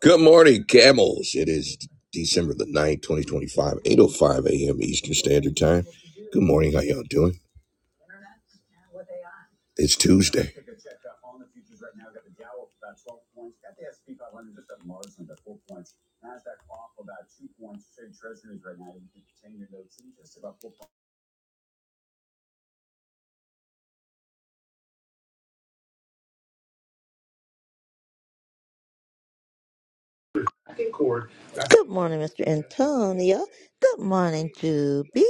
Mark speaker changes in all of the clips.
Speaker 1: Good morning, camels. It is December the ninth, twenty twenty-five, eight oh five a.m. Eastern Standard Time. Good morning. How y'all doing? It's Tuesday.
Speaker 2: Good morning, Mr. Antonio. Good morning, Juby.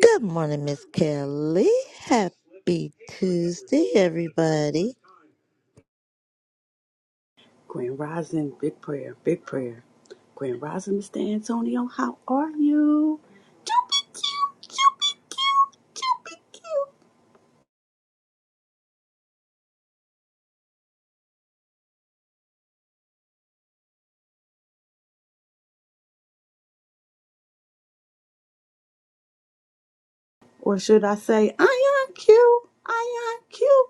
Speaker 2: Good morning, Miss Kelly. Happy Tuesday, everybody.
Speaker 3: Grand Rising, big prayer, big prayer. Grand Rising, Mr. Antonio, how are you? Chupy cute, chupy cute, chupy cute. Or should I say, I am cute, I am cute,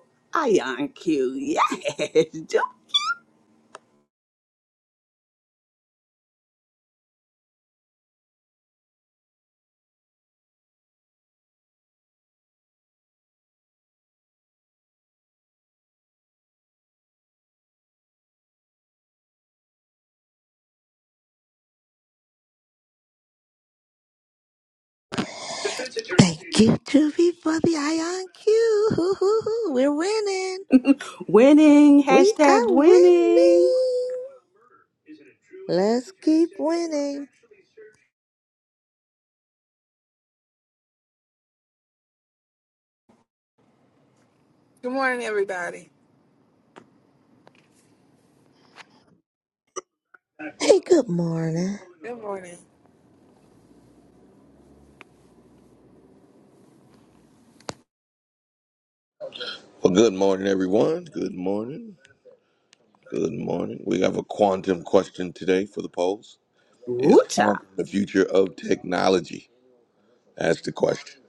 Speaker 3: I am cute, yes. Chup-
Speaker 2: Thank you, Juby, for the IonQ. We're winning.
Speaker 3: Winning,
Speaker 2: We are
Speaker 3: hashtag
Speaker 2: winning.
Speaker 3: winning.
Speaker 2: Let's keep winning.
Speaker 4: Good morning, everybody.
Speaker 2: Hey, good morning.
Speaker 4: Good morning.
Speaker 1: Well, good morning, everyone. Good morning. Good morning. We have a quantum question today for the polls. Is
Speaker 3: Woo cha.
Speaker 1: quantum the future of technology? That's the question.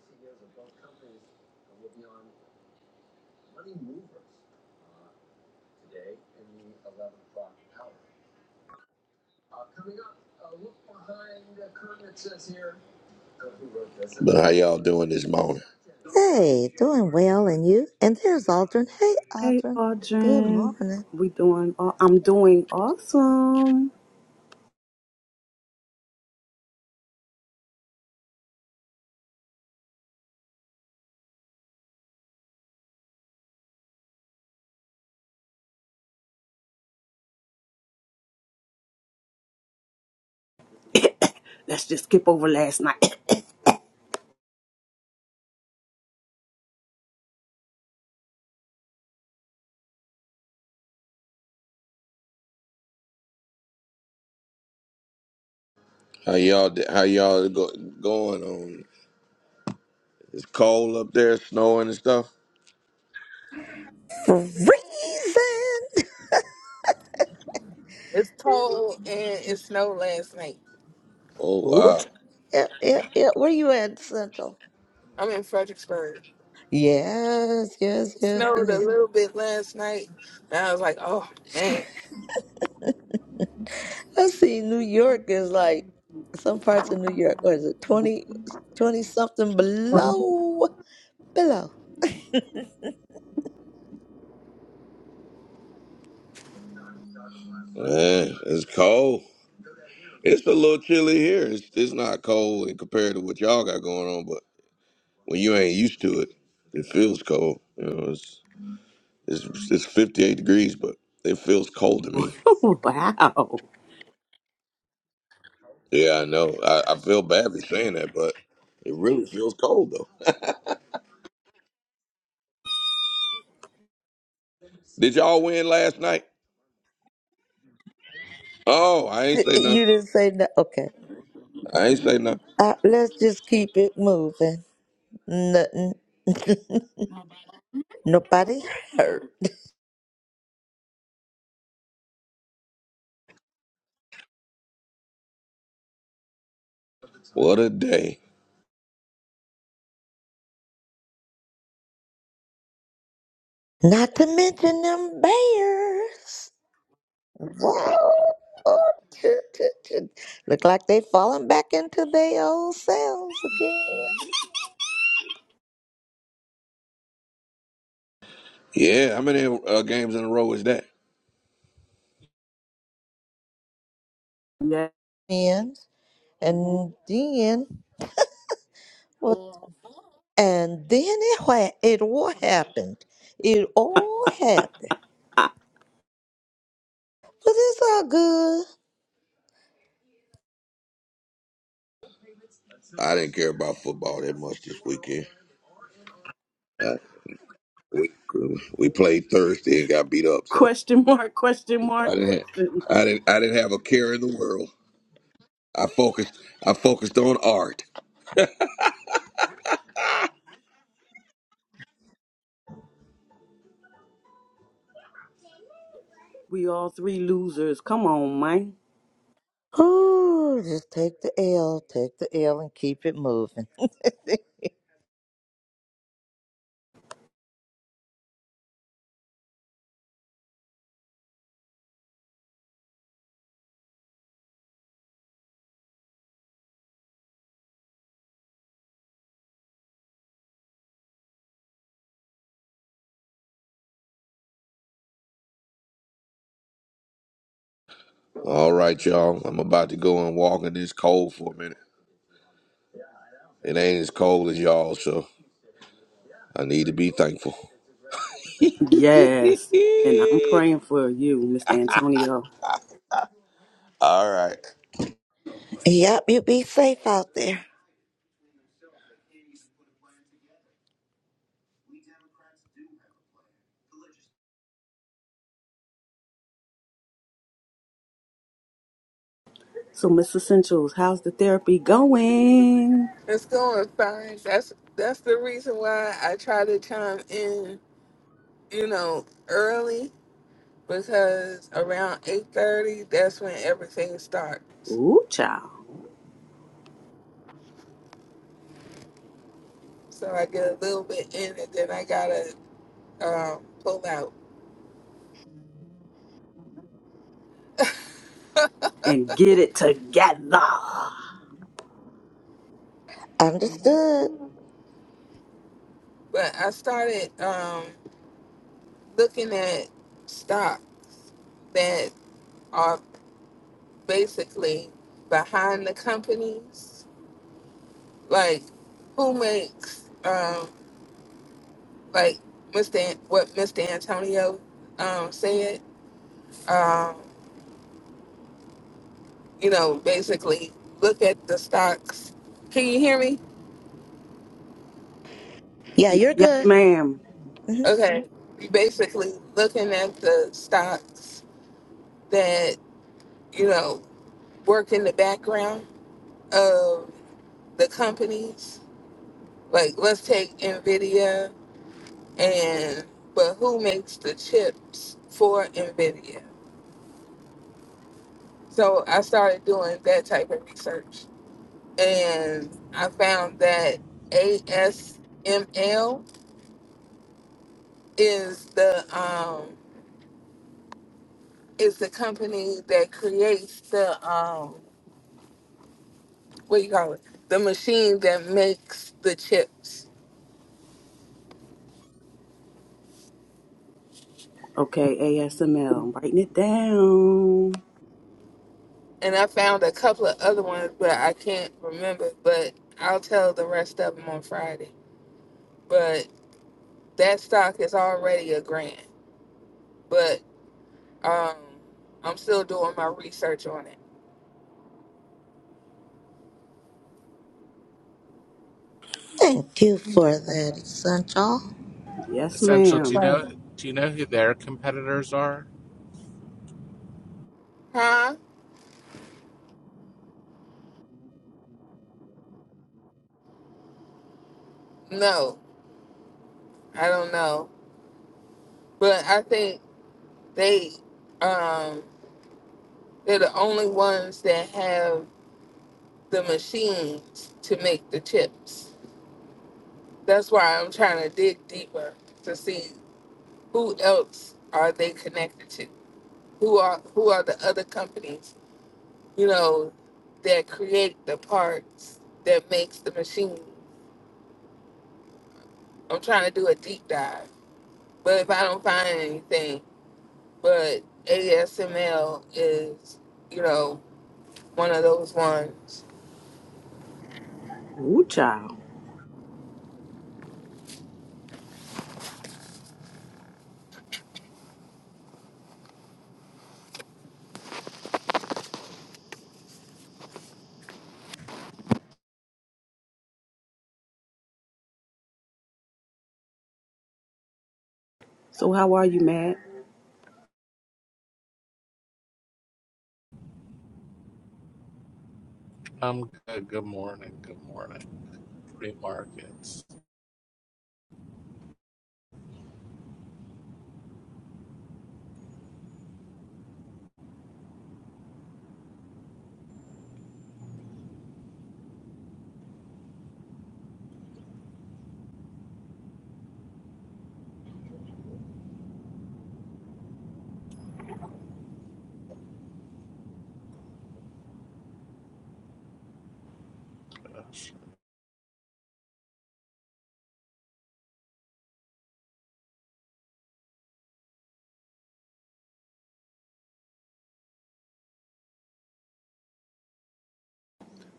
Speaker 1: But how y'all doing this morning?
Speaker 2: Hey, doing well, and you? And there's Aldrin. Hey,
Speaker 3: Hey,
Speaker 2: Aldrin. Good
Speaker 3: Audrey.
Speaker 2: morning.
Speaker 3: We doing, aw- I'm doing awesome. Let's just skip over last night.
Speaker 1: How y'all how y'all go, going on? It's cold up there, snowing and stuff.
Speaker 2: Freezing.
Speaker 4: It's cold and it snowed last night.
Speaker 1: Oh
Speaker 3: Woo
Speaker 1: wow,
Speaker 3: cha.
Speaker 2: Yeah, yeah, yeah. Where you at, Central?
Speaker 4: I'm in Fredericksburg.
Speaker 2: Yes, yes,
Speaker 4: It
Speaker 2: yes,
Speaker 4: snowed a
Speaker 2: yes.
Speaker 4: little bit last night, and I was like, "Oh man,
Speaker 2: I see New York is like some parts of New York, what is it, 20, 20 something below? Below.
Speaker 1: man, it's cold. It's a little chilly here. It's it's not cold in compared to what y'all got going on, but when you ain't used to it, it feels cold. You know, it's it's it's 58 degrees, but it feels cold to me.
Speaker 3: Wow.
Speaker 1: Yeah, I know. I, I feel bad for saying that, but it really feels cold though. Did y'all win last night? Oh, I ain't
Speaker 2: Th-
Speaker 1: say
Speaker 2: You
Speaker 1: nothing.
Speaker 2: didn't say no. Okay.
Speaker 1: I ain't say nothing.
Speaker 2: Uh, let's just keep it moving. Nothing. Nobody hurt.
Speaker 1: What a day.
Speaker 2: Not to mention them bears. Whoa. Ch- ch- ch- Look like they falling back into their old selves again.
Speaker 1: Yeah, how many uh, games in a row is that?
Speaker 3: Yeah.
Speaker 2: And, and then Well, and then it what it all happened. It all happened. But it's all good.
Speaker 1: I didn't care about football that much this weekend. Uh, we, we played Thursday and got beat up, so.
Speaker 3: Question mark, question
Speaker 1: I
Speaker 3: mark,
Speaker 1: didn't have,
Speaker 3: question
Speaker 1: I
Speaker 3: mark.
Speaker 1: didn't I didn't have a care in the world. I focused I focused on art.
Speaker 3: We all three losers. Come on, man.
Speaker 2: Ooh, just take the L, take the L and keep it moving.
Speaker 1: All right, y'all. I'm about to go and walk in this cold for a minute. It ain't as cold as y'all, so I need to be thankful.
Speaker 3: Yes. And I'm praying for you, Mr. Antonio.
Speaker 1: All right.
Speaker 2: Yep, you be safe out there.
Speaker 3: So, Miss Essentials, how's the therapy going?
Speaker 4: it's going fine." That's that's the reason why I try to chime in, you know, early because around eight thirty, that's when everything starts.
Speaker 3: Ooh, child.
Speaker 4: So I get a little bit in, and then I gotta um, pull out.
Speaker 3: And get it together.
Speaker 2: Understood.
Speaker 4: but I started. Um, looking at stocks that are basically behind the companies. Like who makes um like Mr. An- what Mr. Antonio um said. Um, you know, basically look at the stocks. Can you hear me?
Speaker 2: Yeah,
Speaker 3: Y-
Speaker 2: you're
Speaker 3: yes,
Speaker 2: good.
Speaker 3: ma'am.
Speaker 2: hmm
Speaker 4: Okay. You basically looking at the stocks that, you know, work in the background of the companies. Like let's take Nvidia and but who makes the chips for Nvidia? So I started doing that type of research, and I found that ASML is the um, is the company that creates the um, what do you call it the machine that makes the chips.
Speaker 3: Okay, ASML. am writing it down.
Speaker 4: And I found a couple of other ones, but I can't remember. But I'll tell the rest of them on Friday. But that stock is already a grand. But Um, I'm still doing my research on it.
Speaker 2: Thank you for that, Sancho.
Speaker 3: Yes,
Speaker 5: Essential. Do you
Speaker 3: ma'am.
Speaker 5: know? Do you know who their competitors are?
Speaker 4: Huh? No, I don't know. But I think they um they're the only ones that have the machines to make the chips. That's why I'm trying to dig deeper to see who else are they connected to? Who are who are the other companies, you know, that create the parts that makes the machine. I'm trying to do a deep dive. But if I don't find anything, but ASML is, you know, one of those ones.
Speaker 3: Ooh, child. So, how are you, Matt?
Speaker 5: Um. Good, good morning. Good morning. Free markets.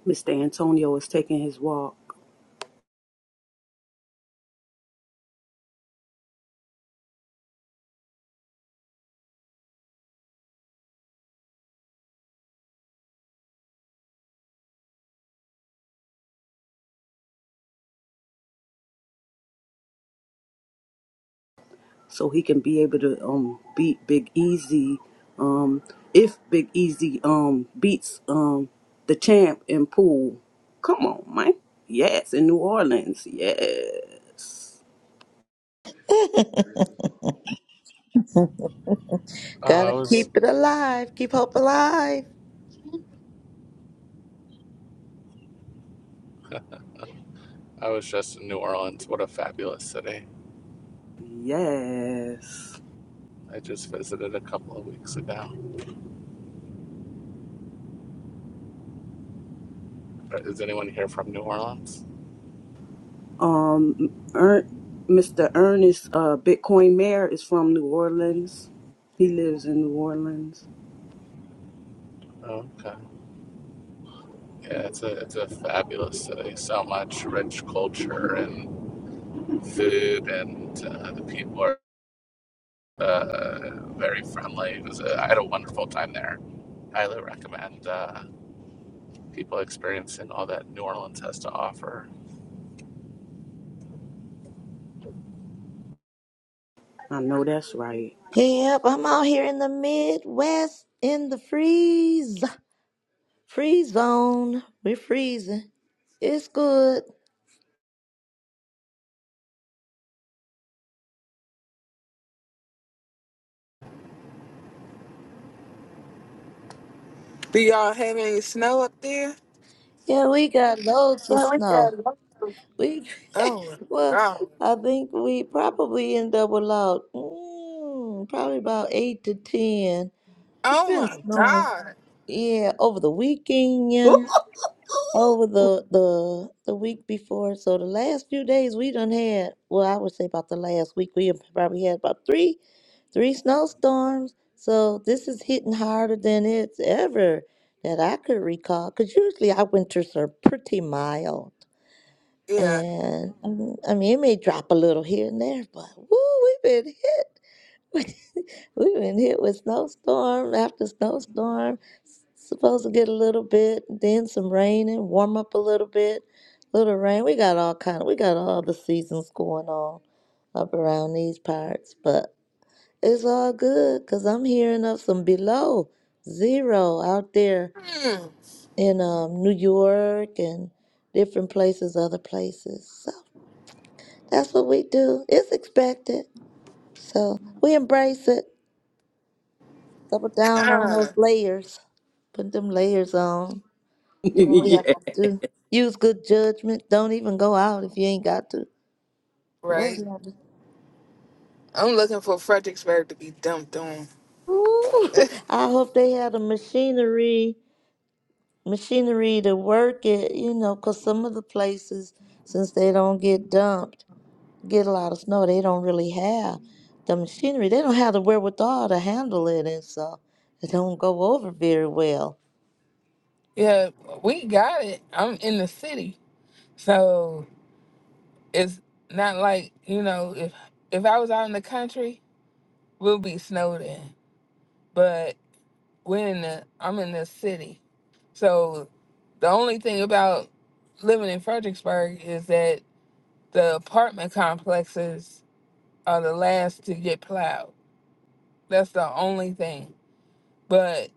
Speaker 3: Mr. Antonio is taking his walk. so he can be able to um beat Big Easy. Um, if Big Easy um beats um the champ in pool, come on, man. Yes, in New Orleans. Yes,
Speaker 5: Oh,
Speaker 2: Gotta
Speaker 5: I
Speaker 2: keep
Speaker 5: was
Speaker 2: it alive. Keep hope alive.
Speaker 5: I was just in New Orleans. What a fabulous city!
Speaker 3: yes.
Speaker 5: I just visited a couple of weeks ago. Is anyone here from New Orleans?
Speaker 3: Um, Ern- Mr. Ernest uh Bitcoin Mayor is from New Orleans. He lives in New Orleans.
Speaker 5: Okay. Yeah, it's a it's a fabulous city. So much rich culture and food, and uh, the people are uh, very friendly. It was a, I had a wonderful time there. Highly recommend. Uh, people experience and all that New Orleans has to offer.
Speaker 3: I know that's right.
Speaker 2: Yep, I'm out here in the Midwest in the freeze. Free zone. We're freezing. It's good.
Speaker 4: Do y'all have any snow up there?
Speaker 2: Yeah, we got loads of
Speaker 4: Well, we
Speaker 2: snow.
Speaker 4: done.
Speaker 2: We
Speaker 4: Oh my
Speaker 2: well,
Speaker 4: god!
Speaker 2: I think we probably end up with about mm, probably about eight to ten. It's
Speaker 4: Oh
Speaker 2: been
Speaker 4: my
Speaker 2: snowing.
Speaker 4: god!
Speaker 2: Yeah, over the weekend, over the the the week before. So the last few days we done had. Well, I would say about the last week we have probably had about three. three snowstorms. So this is hitting harder than it's ever that I could recall. Because usually our winters are pretty mild.
Speaker 4: Yeah.
Speaker 2: And mm, I mean, it may drop a little here and there, but woo, we've been hit. We've been hit with snowstorm after snowstorm. S- Supposed to get a little bit, then some rain and warm up a little bit. Little rain. We got all kind of, we got all the seasons going on up around these parts. But it's all good because I'm hearing of some below zero out there
Speaker 4: Mm,
Speaker 2: in um, New York and different places, other places. So that's what we do. It's expected. So we embrace it, double down on those
Speaker 4: God.
Speaker 2: layers, put them layers on, do what we
Speaker 3: yeah.
Speaker 2: have to do. Use good judgment. Don't even go out if you ain't got to.
Speaker 4: Right.
Speaker 2: Whatever.
Speaker 4: I'm looking for Fredericksburg to be dumped on.
Speaker 2: Ooh, I hope they had the machinery machinery to work it, you know, 'cause some of the places, since they don't get dumped, get a lot of snow, they don't really have the machinery. They don't have the wherewithal to handle it, and so it don't go over very well.
Speaker 4: Yeah, we got it. I'm in the city, so it's not like you know if if I was out in the country, we'll be snowed in. But. we're in the I'm in the city. So the only thing about living in Fredericksburg is that the apartment complexes are the last to get plowed. That's the only thing. But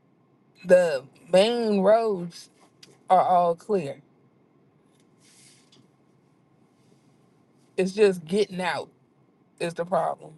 Speaker 4: the main roads are all clear. It's just getting out is the problem.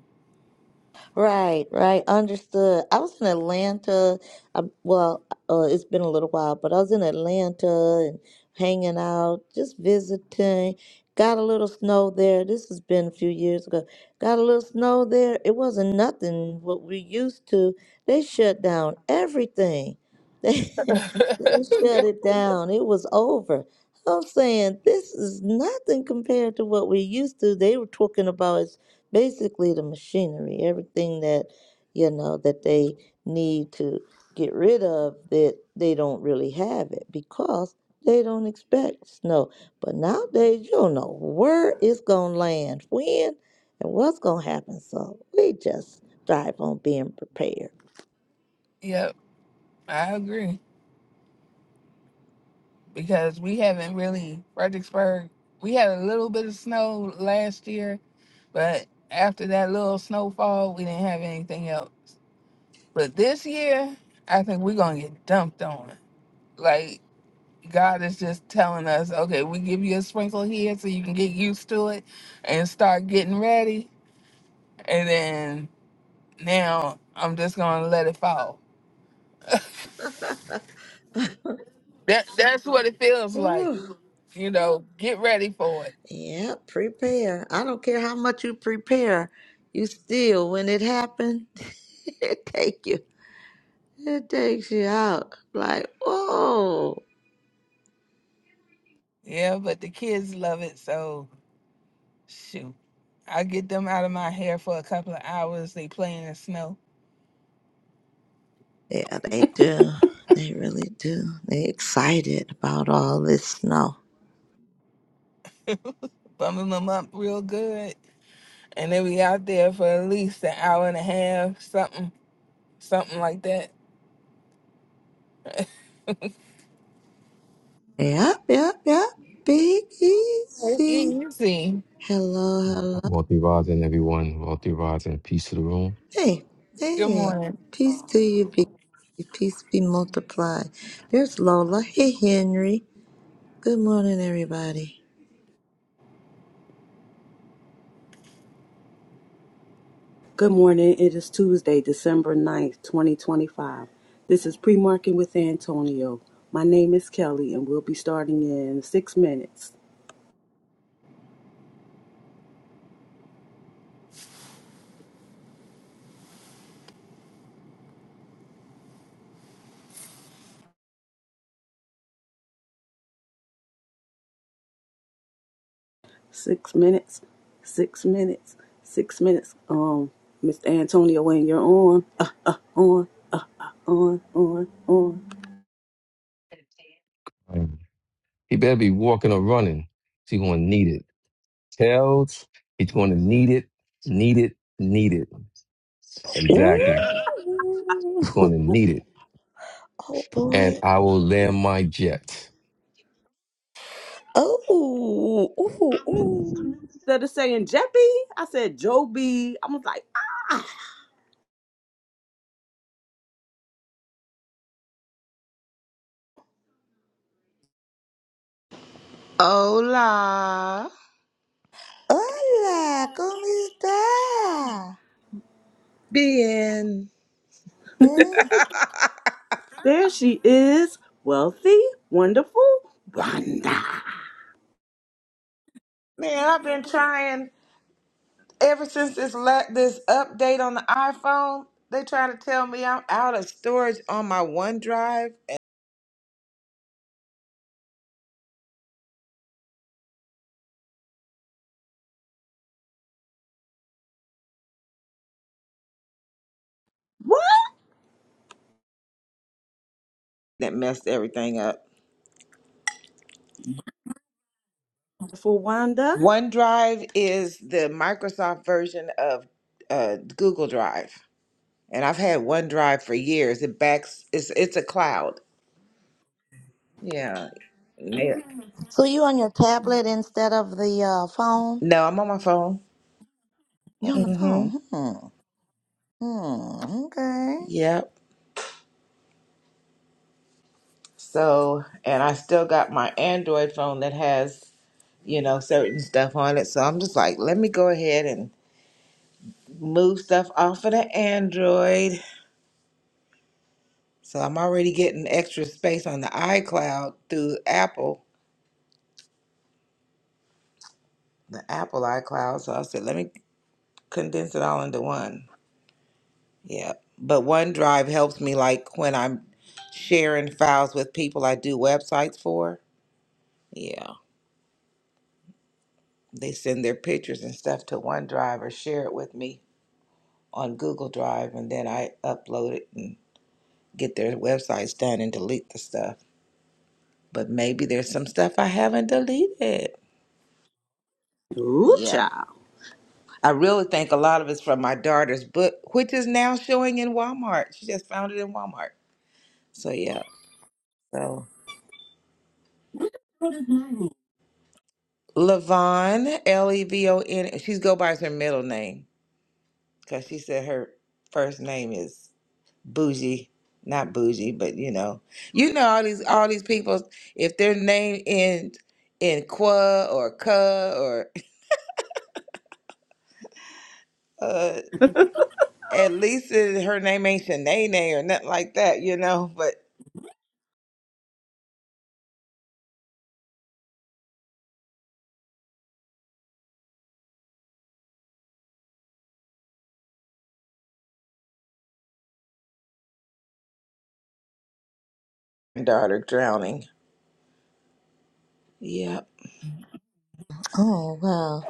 Speaker 2: Right, right. Understood. I was in Atlanta. I, well, uh, it's been a little while, but I was in Atlanta and hanging out, just visiting. Got a little snow there. This has been a few years ago. Got a little snow there. It wasn't nothing what we used to. They shut down everything. They, they shut it down. It was over. I'm saying this is nothing compared to what we used to. They were talking about basically the machinery, everything that you know that they need to get rid of that they don't really have it because they don't expect snow. But nowadays you don't know where it's gonna land, when and what's gonna happen. So we just thrive on being prepared.
Speaker 4: yep, I agree. because we haven't really Fredericksburg. We had a little bit of snow last year, but after that little snowfall, we didn't have anything else. But this year, I think we're gonna get dumped on. Like God is just telling us, okay, we give you a sprinkle here so you can get used to it and start getting ready, and then now I'm just gonna let it fall. That that's what it feels like,
Speaker 2: Ooh,
Speaker 4: you know. Get ready for it.
Speaker 2: yeah, prepare. I don't care how much you prepare, you still when it happens, it take you. It takes you out. Like, whoa.
Speaker 4: Yeah, but the kids love it so. Shoot. I get them out of my hair for a couple of hours. They play in the snow,
Speaker 2: Yeah, they do. They really do. They excited about all this snow.
Speaker 4: bumming them up real good. And they be out there for at least an hour and a half, something, something like that.
Speaker 2: Yep, yep, yep. Big easy.
Speaker 4: Easy.
Speaker 2: Hello, hello.
Speaker 6: Wealthy rising, everyone. Wealthy rising. Peace to the room.
Speaker 2: Hey,
Speaker 4: Good
Speaker 2: hey.
Speaker 4: morning.
Speaker 2: Peace to you, big. Easy. Peace be multiplied. There's Lola. Hey, Henry. Good morning, everybody.
Speaker 3: Good morning. It is Tuesday, December ninth, 2025. This is pre market with Antonio. My name is Kelly, and we'll be starting in six minutes. Six minutes. Six minutes. Six minutes. Um, Mr. Antonio, when you're on, uh, uh, on, on, on, on.
Speaker 6: Mm. He better be walking or running. He's going to need it. Tails, he's going to need it, need it, need it. Exactly. He's going
Speaker 2: Ooh.
Speaker 6: to need it.
Speaker 2: Oh
Speaker 6: And
Speaker 2: boy.
Speaker 6: I will land my jet.
Speaker 2: Oh. Ooh. Ooh.
Speaker 3: Instead of saying Jeppy, I said Joby. I was like,
Speaker 7: Hola.
Speaker 2: Hola, ¿cómo está?
Speaker 7: Being
Speaker 2: Eh.
Speaker 3: there she is. Wealthy, wonderful, Wanda.
Speaker 7: Man, I've been trying ever since this la- this update on the iPhone. They trying to tell me I'm out of storage on my OneDrive, and
Speaker 3: What?
Speaker 7: that messed everything up.
Speaker 3: Wonderful Wanda.
Speaker 7: OneDrive is the Microsoft version of uh, Google Drive, and I've had OneDrive for years. It backs it's it's a cloud. Yeah. yeah.
Speaker 2: So you on your tablet instead of the uh, phone?
Speaker 7: No, I'm on my phone.
Speaker 2: You on the phone?
Speaker 7: Mm-hmm.
Speaker 2: Hmm. Hmm. Okay.
Speaker 7: Yep. So, and I still got my Android phone that has, you know, certain stuff on it. So I'm just like, let me go ahead and move stuff off of the Android. So I'm already getting extra space on the iCloud through Apple, the Apple iCloud. So I said, let me condense it all into one. Yeah. But OneDrive helps me like when I'm sharing files with people I do websites for. Yeah. They send their pictures and stuff to OneDrive or share it with me on Google Drive and then I upload it and get their websites done and delete the stuff. But maybe there's some stuff I haven't deleted.
Speaker 3: Ooh,
Speaker 7: Yeah.
Speaker 3: child.
Speaker 7: I really think a lot of it's from my daughter's book, which is now showing in Walmart. She just found it in Walmart. So yeah. So Levon, L E V O N. She's go by her middle name because she said her first name is bougie not bougie but you know you know all these all these people if their name ends in qua or ka or uh at least it, her name ain't Shanae or nothing like that you know but daughter drowning yep
Speaker 2: Oh well.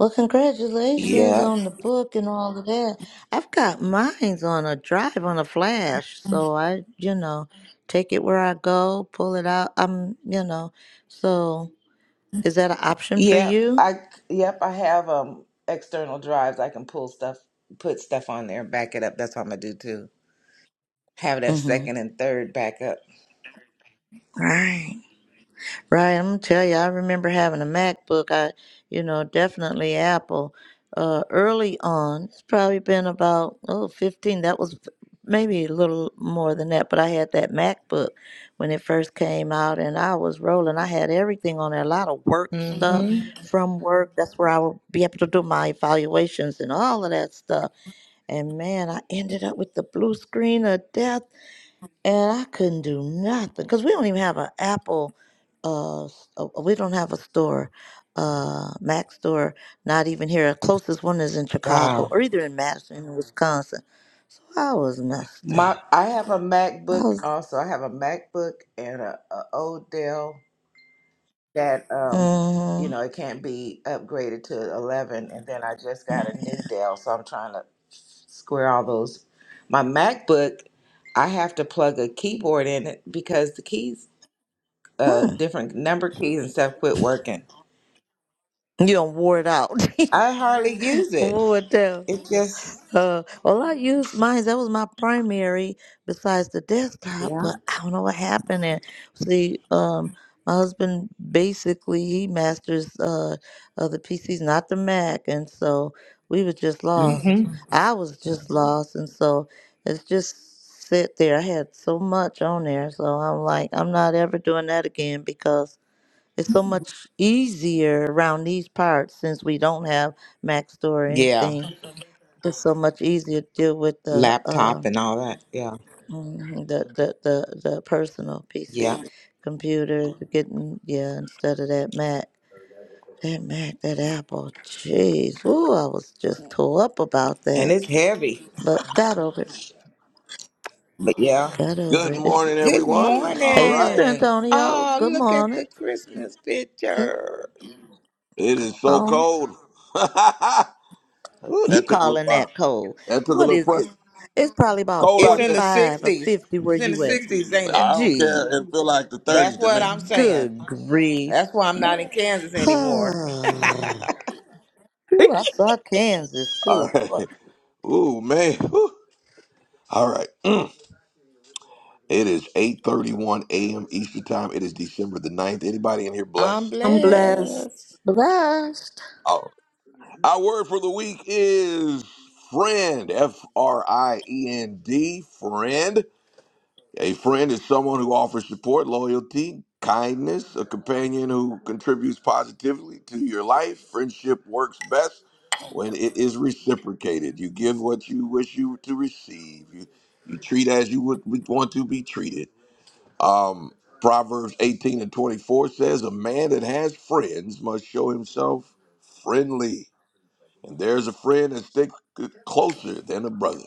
Speaker 2: Well, congratulations
Speaker 7: yep
Speaker 2: on the book and all of that. I've got mine's on a drive on a flash, so I, you know, take it where I go, pull it out. I'm, you know. So is that an option for
Speaker 7: yep
Speaker 2: you?
Speaker 7: i yep i have um external drives i can pull stuff put stuff on there and back it up that's what i'm gonna do too have that
Speaker 2: Mm-hmm.
Speaker 7: second and third backup
Speaker 2: Right. Right, I'm gonna tell you, I remember having a MacBook. I, you know, definitely Apple. Uh, early on, it's probably been about oh 15. That was maybe a little more than that, but I had that MacBook when it first came out, and I was rolling. I had everything on there, a lot of work stuff
Speaker 7: mm-hmm.
Speaker 2: from work. That's where I would be able to do my evaluations and all of that stuff. And man, I ended up with the blue screen of death and I couldn't do nothing because we don't even have an Apple. Uh, s- uh, uh, we don't have a store, uh, Mac store. Not even here. Our closest one is in Chicago
Speaker 7: wow
Speaker 2: or either in Madison, in Wisconsin. I was messed up.
Speaker 7: My I have a
Speaker 2: I
Speaker 7: MacBook
Speaker 2: was.
Speaker 7: also. I have a MacBook and a, a old Dell that um you
Speaker 2: Mm-hmm.
Speaker 7: know it can't be upgraded to 11 and then I just got a new Dell so I'm trying to square all those. My MacBook I have to plug a keyboard in it because the keys uh
Speaker 2: mm-hmm.
Speaker 7: different number keys and stuff quit working.
Speaker 2: You don't wore it out.
Speaker 7: I hardly use it.
Speaker 2: wore it down.
Speaker 7: It just
Speaker 2: Uh, well, I used mine. That was my primary besides the desktop, but
Speaker 7: yeah.
Speaker 2: I don't know what happened. And see, um, my husband basically he masters uh, uh the PCs, not the Mac, and so we were just lost.
Speaker 7: Mhm.
Speaker 2: I was just lost, and so it's just sit there. I had so much on there, so I'm like, I'm not ever doing that again because it's so much easier around these parts since we don't have Mac Store or
Speaker 7: Yeah,
Speaker 2: anything it's so much easier to deal with the uh,
Speaker 7: laptop and all that. Yeah.
Speaker 2: mhm, the, the the the personal PC
Speaker 7: Yeah.
Speaker 2: computer getting yeah instead of that Mac that Mac that Apple jeez ooh I was just tore up about
Speaker 7: And
Speaker 2: that
Speaker 7: it's heavy.
Speaker 2: but got over it
Speaker 7: But yeah.
Speaker 2: got over
Speaker 1: Good
Speaker 2: it
Speaker 1: morning,
Speaker 2: it's,
Speaker 7: Good
Speaker 1: everyone. All
Speaker 2: hey
Speaker 1: right.
Speaker 2: Mr
Speaker 7: morning.
Speaker 2: Antonio
Speaker 7: Oh,
Speaker 2: good
Speaker 7: look at
Speaker 2: morning
Speaker 7: the Christmas
Speaker 2: come
Speaker 7: picture.
Speaker 1: It is so
Speaker 2: on
Speaker 1: cold. Ooh,
Speaker 2: you
Speaker 1: that took a little
Speaker 2: calling
Speaker 1: while.
Speaker 2: that cold
Speaker 1: That took a
Speaker 2: what
Speaker 1: little
Speaker 2: is it?
Speaker 1: pressure. It's
Speaker 2: it's probably about
Speaker 1: cold
Speaker 7: It's
Speaker 1: out
Speaker 2: forty
Speaker 7: in the
Speaker 1: there.
Speaker 2: five or
Speaker 7: 60s.
Speaker 2: fifty where
Speaker 7: It's in the
Speaker 2: you at
Speaker 7: 60s, ain't
Speaker 1: I
Speaker 7: it?
Speaker 1: don't
Speaker 2: gee
Speaker 1: care. It feel like the
Speaker 7: That's
Speaker 1: 30s to
Speaker 7: what
Speaker 1: me.
Speaker 7: I'm saying.
Speaker 2: good grief
Speaker 7: That's why I'm not in Kansas
Speaker 2: Ooh,
Speaker 7: anymore.
Speaker 2: I saw Kansas
Speaker 1: All
Speaker 2: too.
Speaker 1: right. Ooh, man. Ooh. All right. It is 8:31 a.m. Eastern Time. It is December the ninth. Anybody in here
Speaker 7: I'm
Speaker 1: blessed?
Speaker 3: I'm blessed.
Speaker 7: blessed.
Speaker 2: Blessed.
Speaker 1: Our, our word for the week is friend. F R I E N D. Friend. A friend is someone who offers support, loyalty, kindness, a companion who contributes positively to your life. Friendship works best when it is reciprocated. You give what you wish you to receive. You you treat as you would, would want to be treated Um, Proverbs 18 and 24 says, A man that has friends must show himself friendly. And there's a friend that sticks closer than a brother.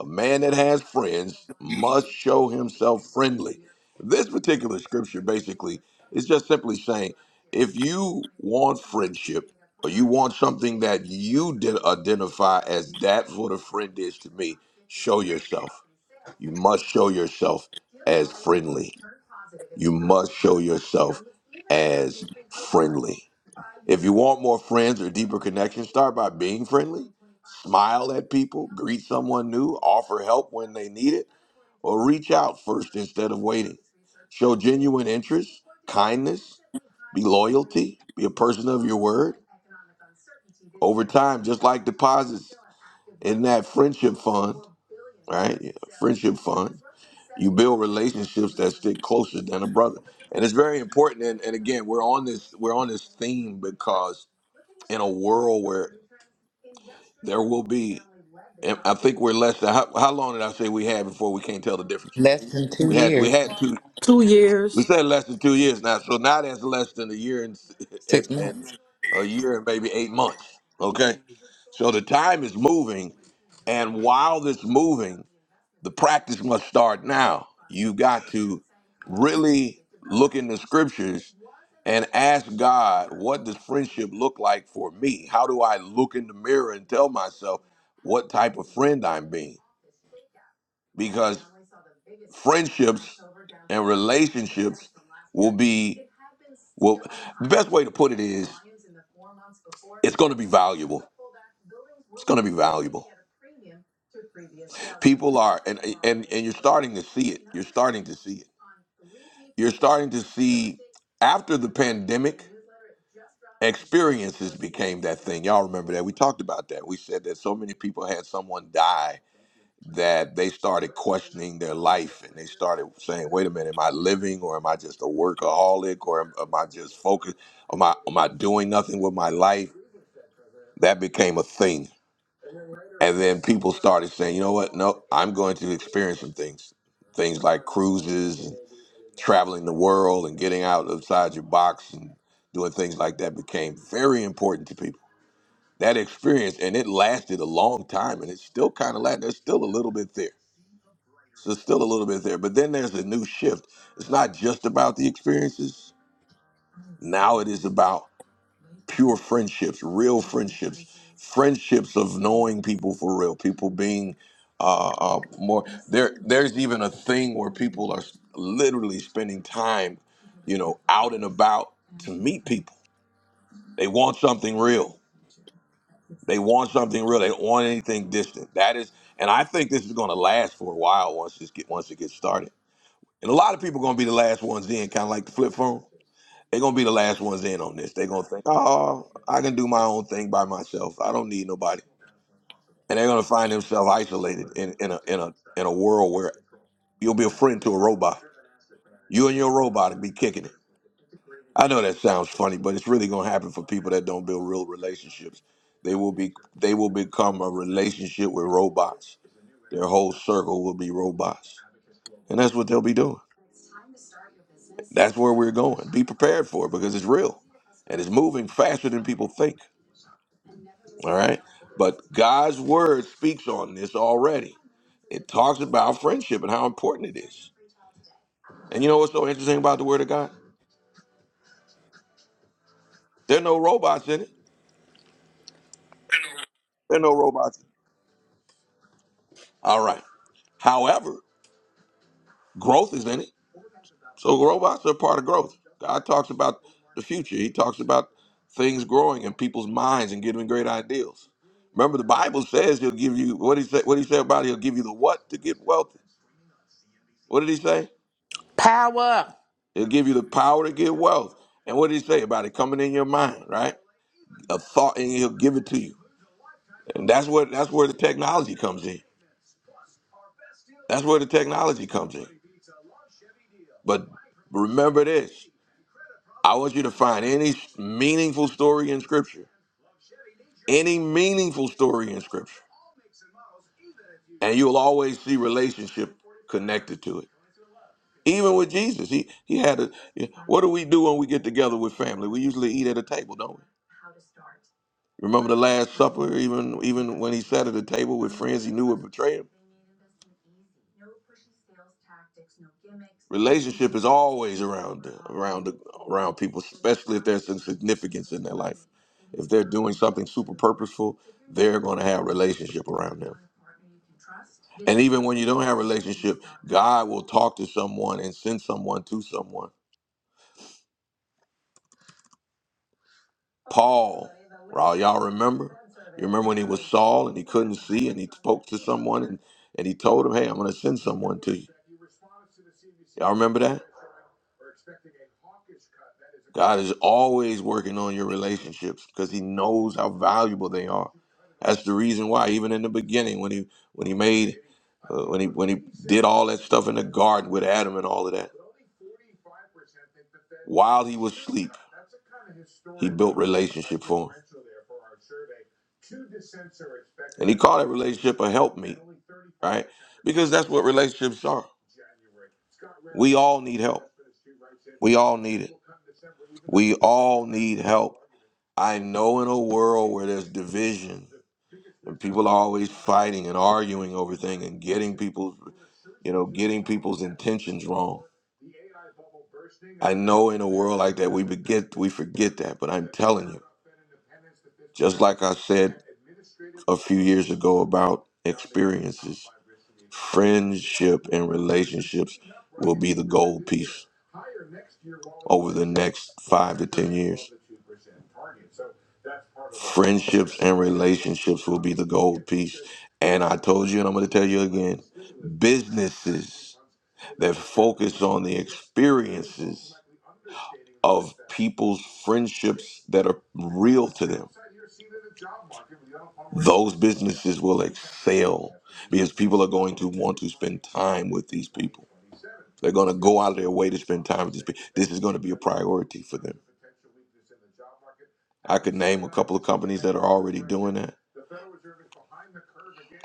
Speaker 1: A man that has friends must show himself friendly. This particular scripture basically is just simply saying if you want friendship or you want something that you did identify as that's what a friend is to me, show yourself. You must show yourself as friendly. You must show yourself as friendly. If you want more friends or deeper connections, start by being friendly. Smile at people, greet someone new, offer help when they need it or reach out first instead of waiting. Show genuine interest, kindness, be loyalty, be a person of your word. Over time, just like deposits in that friendship fund, right? Yeah, Friendship fund, you build relationships that stick closer than a brother, and it's very important. And, and again, we're on this we're on this theme because in a world where there will be, and I think we're less than how, how long did I say we had before we can't tell the difference?
Speaker 7: Less than two
Speaker 1: We had we
Speaker 7: years,
Speaker 1: had two.
Speaker 3: Two
Speaker 1: We
Speaker 3: years
Speaker 1: said less than two years now. So now that's less than a year and
Speaker 7: six
Speaker 1: and, and
Speaker 7: months.
Speaker 1: a year and maybe eight months. Okay. So the time is moving, and while it's moving, the practice must start now. You got to really look in the scriptures and ask God, what does friendship look like for me? How do I look in the mirror and tell myself what type of friend I'm being? because friendships and relationships will be well the best way to put it is it's going to be valuable it's going to be valuable people are and and and you're starting to see it you're starting to see it you're starting to see after the pandemic experiences became that thing y'all remember that we talked about that we said that so many people had someone die that they started questioning their life and they started saying, "Wait a minute, am I living or am I just a workaholic or am, am I just focused? Am I am I doing nothing with my life?" That became a thing, and then people started saying, "You know what? No, I'm going to experience some things, things like cruises and traveling the world and getting out outside your box and doing things like that became very important to people." That experience and it lasted a long time, and it's still kind of like there's still a little bit there So still a little bit there. But then there's a new shift. It's not just about the experiences. Now it is about pure friendships, real friendships, friendships of knowing people for real, people being uh, uh, more. There, there's even a thing where people are literally spending time, you know, out and about to meet people. They want something real. They want something real. They don't want anything distant. That is, and I think this is going to last for a while once this get once it gets started And a lot of people gonna be the last ones in, kind of like the flip phone. They're gonna be the last ones in on this. They're gonna think, oh, I can do my own thing by myself. I don't need nobody. And they're gonna find themselves isolated in, in a in a in a world where you'll be a friend to a robot. You and your robot will be kicking it. I know that sounds funny, but it's really gonna happen for people that don't build real relationships. They will be they will become a relationship with robots. Their whole circle will be robots. And that's what they'll be doing. That's where we're going. Be prepared for it because it's real and it's moving faster than people think. All right. But God's word speaks on this already. It talks about friendship and how important it is. And you know what's so interesting about the word of God? There are no robots in it. There are no robots. All right. However, growth is in it. So robots are part of growth. God talks about the future. He talks about things growing in people's minds and giving great ideals. Remember, the Bible says He'll give you what He said. What He said about it, He'll give you the what to get wealthy. What did He say?
Speaker 7: Power.
Speaker 1: He'll give you the power to get wealth. And what did He say about it coming in your mind? Right, a thought, and He'll give it to you. And that's what that's where the technology comes in. That's where the technology comes in. But remember this: I want you to find any meaningful story in Scripture any meaningful story in scripture and you'll always see relationship connected to it even with jesus he he had a what do we do when we get together with family we usually eat at a table don't we Remember the Last Supper, even even when he sat at the table with friends he knew would betray him? Relationship is always around the- around the, around people, especially if there's some significance in their life. If they're doing something super purposeful, they're going to have relationship around them. And even when you don't have relationship, God will talk to someone and send someone to someone. Paul all y'all remember? You remember when he was Saul and he couldn't see and he spoke to someone and, and he told him, Hey, I'm gonna send someone to you. Y'all remember that? God is always working on your relationships because he knows how valuable they are. That's the reason why, even in the beginning, when he when he made uh, when he when he did all that stuff in the garden with Adam and all of that, while he was asleep, he built relationship for him. And he called that relationship a helpmeet. right? Because that's what relationships are. We all need help. We all need it. We all need help. I know in a world where there's division and people are always fighting and arguing over things and getting people's, you know, getting people's intentions wrong. I know in a world like that we forget we forget that, but I'm telling you, just like I said a few years ago about experiences, friendship and relationships will be the gold piece. over the next five to 10 years. Friendships and relationships will be the gold piece. And I told you, and I'm going to tell you again businesses that focus on the experiences of people's friendships that are real to them, those businesses will excel because people are going to want to spend time with these people. They're going to go out of their way to spend time with these people. This is going to be a priority for them. I could name a couple of companies that are already doing that.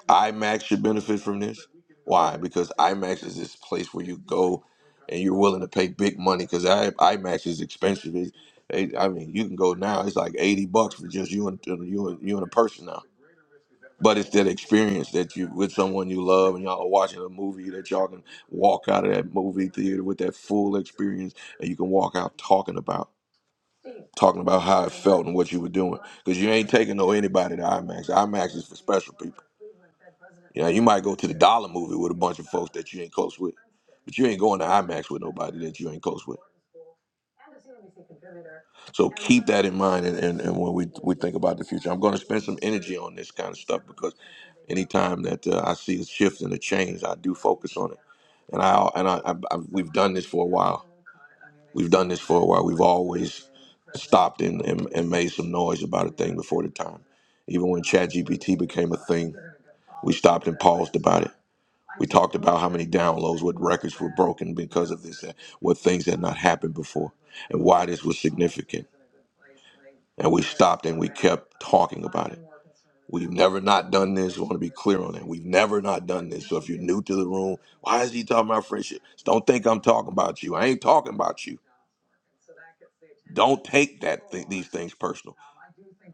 Speaker 1: IMAX should benefit from this. Why? Because IMAX is this place where you go and you're willing to pay big money because IMAX is expensive. It, it- I mean, you can go now; it's like eighty bucks for just you and you and you and a person now. But it's that experience that you with someone you love and y'all are watching a movie that y'all can walk out of that movie theater with that full experience, and you can walk out talking about. talking about how it felt and what you were doing. Because you ain't taking no anybody to IMAX. IMAX is for special people. You know, you might go to the dollar movie with a bunch of folks that you ain't close with, but you ain't going to IMAX with nobody that you ain't close with. So keep that in mind, and, and, and when we we think about the future, I'm going to spend some energy on this kind of stuff because anytime that uh, I see a shift and a change, I do focus on it, and I and I, I, I we've done this for a while. We've done this for a while. We've always stopped and, and, and made some noise about a thing before the time. Even when ChatGPT became a thing, we stopped and paused about it. We talked about how many downloads, what records were broken because of this, what things had not happened before, and why this was significant. And we stopped and we kept talking about it. We've never not done this. We want to be clear on that. We've never not done this. So if you're new to the room, why is he talking about friendships? Don't think I'm talking about you. I ain't talking about you. Don't take that thi- these things personal.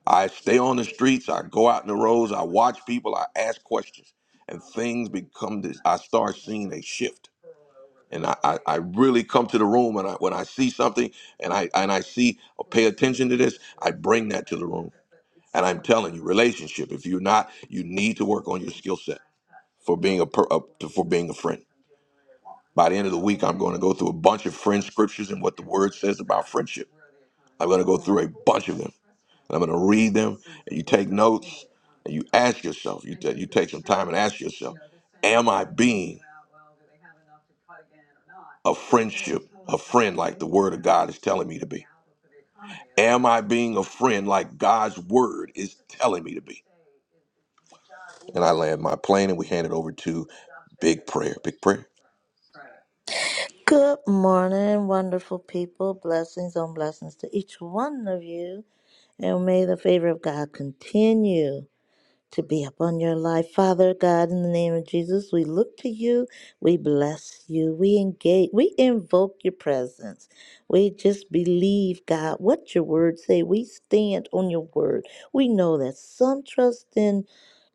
Speaker 1: I stay on the streets. I go out in the roads. I watch people. I ask questions, and things become this. I start seeing a shift, and I, I, I really come to the room and I, when I see something, and I and I see or pay attention to this, I bring that to the room. And I'm telling you, relationship. If you're not, you need to work on your skill set for being a, per, a for being a friend. By the end of the week, I'm going to go through a bunch of friend scriptures and what the word says about friendship. I'm going to go through a bunch of them. And I'm going to read them, and you take notes, and you ask yourself. You ta- you take some time and ask yourself, Am I being? a friendship, a friend like the word of God is telling me to be? Am I being a friend like God's word is telling me to be? And I land my plane and we hand it over to Big Prayer. Big Prayer.
Speaker 2: Good morning, wonderful people. Blessings on blessings to each one of you. And may the favor of God continue to be upon your life. Father God, in the name of Jesus, we look to you. We bless you. We engage. We invoke your presence. We just believe, God, what your word say. We stand on your word. We know that some trust in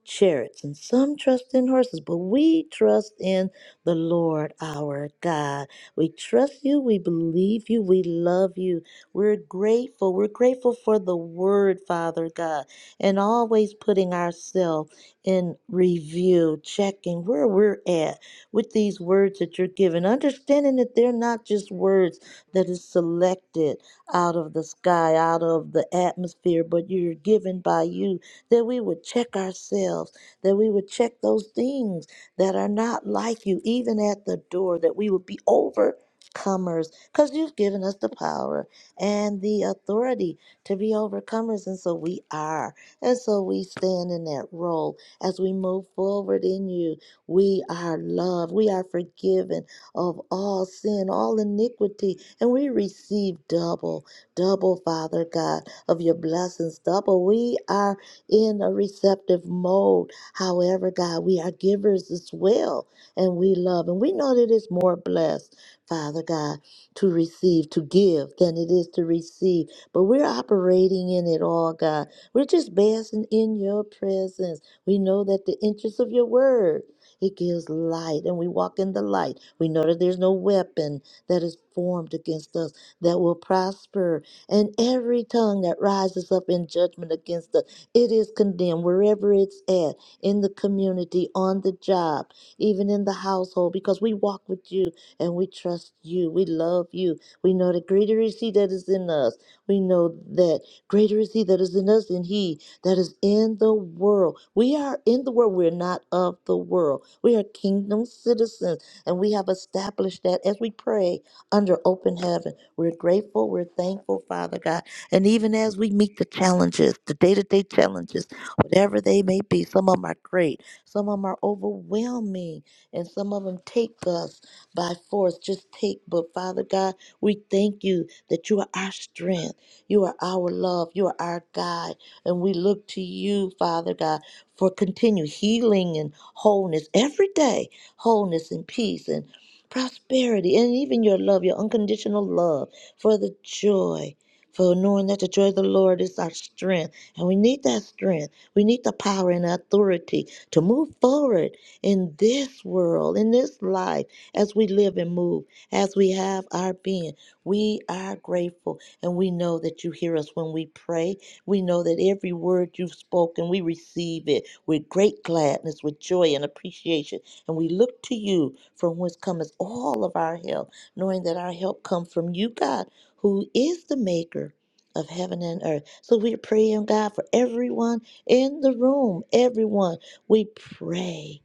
Speaker 2: chariots, and some trust in horses, but we trust in the Lord our God. We trust you, we believe you, we love you. We're grateful. We're grateful for the word, Father God, and always putting ourselves in review, checking where we're at with these words that you're giving, understanding that they're not just words that is selected out of the sky, out of the atmosphere, but you're given by you that we would check ourselves, that we would check those things that are not like you, even at the door, that we would be overcomers, because you've given us the power and the authority to be overcomers. And so we are. And so we stand in that role as we move forward in you. We are loved, we are forgiven of all sin, all iniquity, and we receive double, double, Father God, of your blessings, double. We are in a receptive mode. However, God, we are givers as well, and we love, and we know that it's more blessed, Father God, to receive, to give than it is to receive. But we're operating in it all, God. We're just basking in your presence. We know that the interest of your word. It gives light, and we walk in the light. We know that there's no weapon that is formed against us that will prosper, and every tongue that rises up in judgment against us. It is condemned wherever it's at, in the community, on the job, even in the household, because we walk with you and we trust you. We love you. We know that greater is He that is in us. We know that greater is He that is in us than He that is in the world. We are in the world. We're not of the world. We are kingdom citizens, and we have established that as we pray under open heaven. We're grateful. We're thankful, Father God. And even as we meet the challenges, the day to day challenges, whatever they may be, some of them are great, some of them are overwhelming, and some of them take us by force. Just take, but Father God, we thank you that you are our strength, you are our love, you are our guide, and we look to you, Father God, for continued healing and wholeness every day, wholeness and peace and prosperity, and even your love, your unconditional love for the joy for knowing that the joy of the Lord is our strength. And we need that strength. We need the power and authority to move forward in this world, in this life, as we live and move, as we have our being. We are grateful. And we know that you hear us when we pray. We know that every word you've spoken, we receive it with great gladness, with joy and appreciation. And we look to you from whence cometh all of our help, knowing that our help comes from you, God who is the maker of heaven and earth. So we're praying, God, for everyone in the room, everyone. We pray.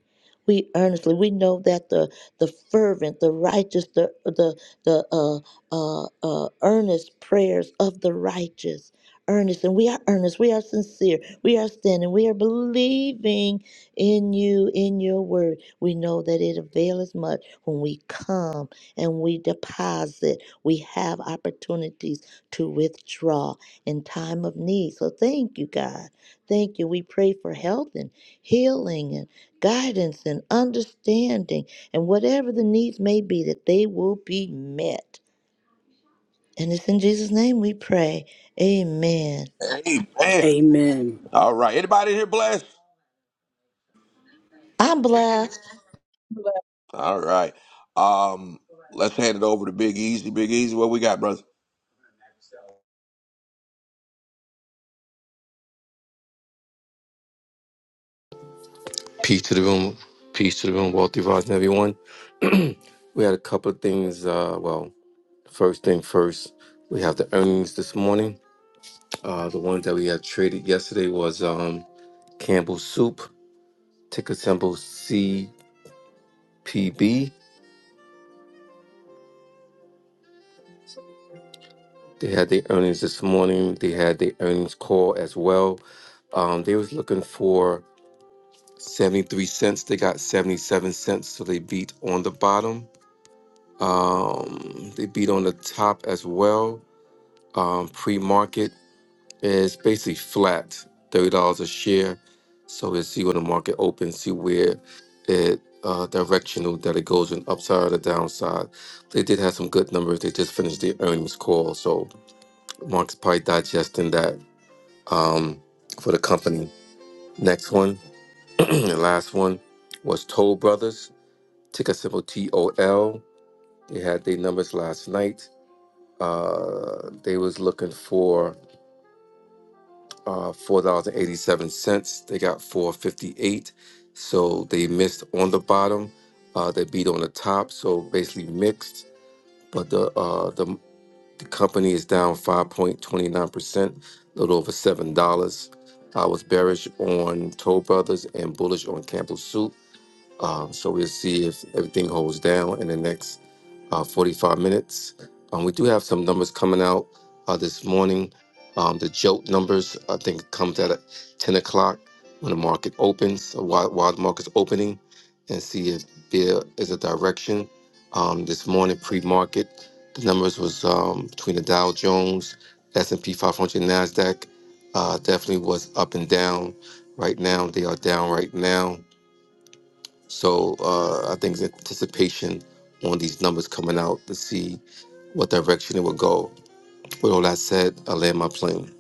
Speaker 2: We earnestly, we know that the the fervent, the righteous, the the the uh, uh, uh, earnest prayers of the righteous, earnest, and we are earnest, we are sincere, we are standing, we are believing in you, in your word. We know that it availeth much when we come and we deposit. We have opportunities to withdraw in time of need. So thank you, God. Thank you. We pray for health and healing and guidance and understanding and whatever the needs may be, that they will be met. And it's in Jesus' name we pray. Amen.
Speaker 1: Amen.
Speaker 3: Amen.
Speaker 1: All right. Anybody here blessed?
Speaker 2: I'm blessed.
Speaker 1: All right. Um, let's hand it over to Big Easy. Big Easy, what we got, brother?
Speaker 6: Peace to the room. Peace to the room. Wealthy rising, everyone. We had a couple of things. Uh, well, first thing first, we have the earnings this morning. Uh, the ones that we had traded yesterday was um, Campbell Soup, ticker symbol CPB. They had their earnings this morning. They had their earnings call as well. Um, they was looking for 73 cents. They got 77 cents, so they beat on the bottom. Um, they beat on the top as well. Um, pre-market is basically flat, $30 a share. So let's see when the market opens, see where it uh, directional that it goes in upside or downside. They did have some good numbers. They just finished their earnings call, so market's probably digesting that um, for the company. Next one, and last one was Toll Brothers, ticker symbol T O L. They had their numbers last night. Uh, they was looking for uh, four dollars and eighty seven cents. They got four fifty eight, so they missed on the bottom. Uh, they beat on the top, so basically mixed. But the uh, the The company is down 5.29%, a little over $7. I was bearish on Toll Brothers and bullish on Campbell Soup. Um, so we'll see if everything holds down in the next uh, 45 minutes. Um, we do have some numbers coming out uh, this morning. Um, the jolt numbers, I think, comes at 10 o'clock when the market opens, uh, while, while the market's opening, and see if there is a direction. Um, this morning, pre-market, the numbers was um, between the Dow Jones, S&P 500, NASDAQ, uh, definitely was up and down. Right now, they are down right now. So uh, I think the anticipation on these numbers coming out to see what direction it will go. With all that said, I land my plane.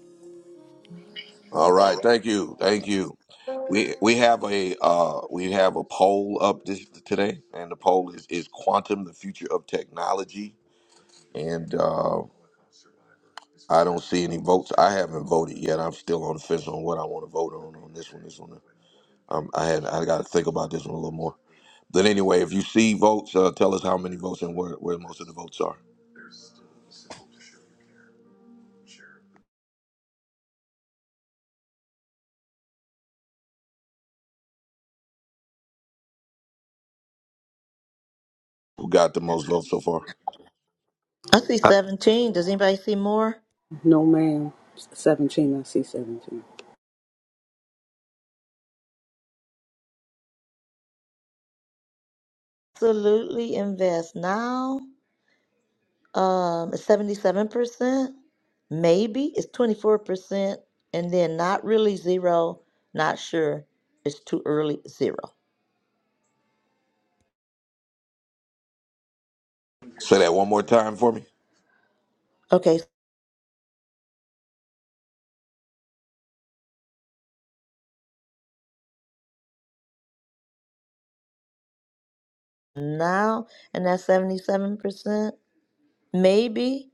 Speaker 1: All right, thank you, thank you. We we have a uh, we have a poll up this today, and the poll is is quantum the future of technology? And uh, I don't see any votes. I haven't voted yet. I'm still on the fence on what I want to vote on on this one. This one, um, I had I got to think about this one a little more. But anyway, if you see votes, uh, tell us how many votes and where where most of the votes are. Who got the most votes so far?
Speaker 2: I see 17. Does anybody see more?
Speaker 3: No, ma'am. 17. I see 17.
Speaker 2: Absolutely invest now. Um, it's 77%, maybe it's 24%, and then not really zero, not sure. It's too early, zero.
Speaker 1: Say that one more time for me.
Speaker 2: Okay, so now, and that's 77%, maybe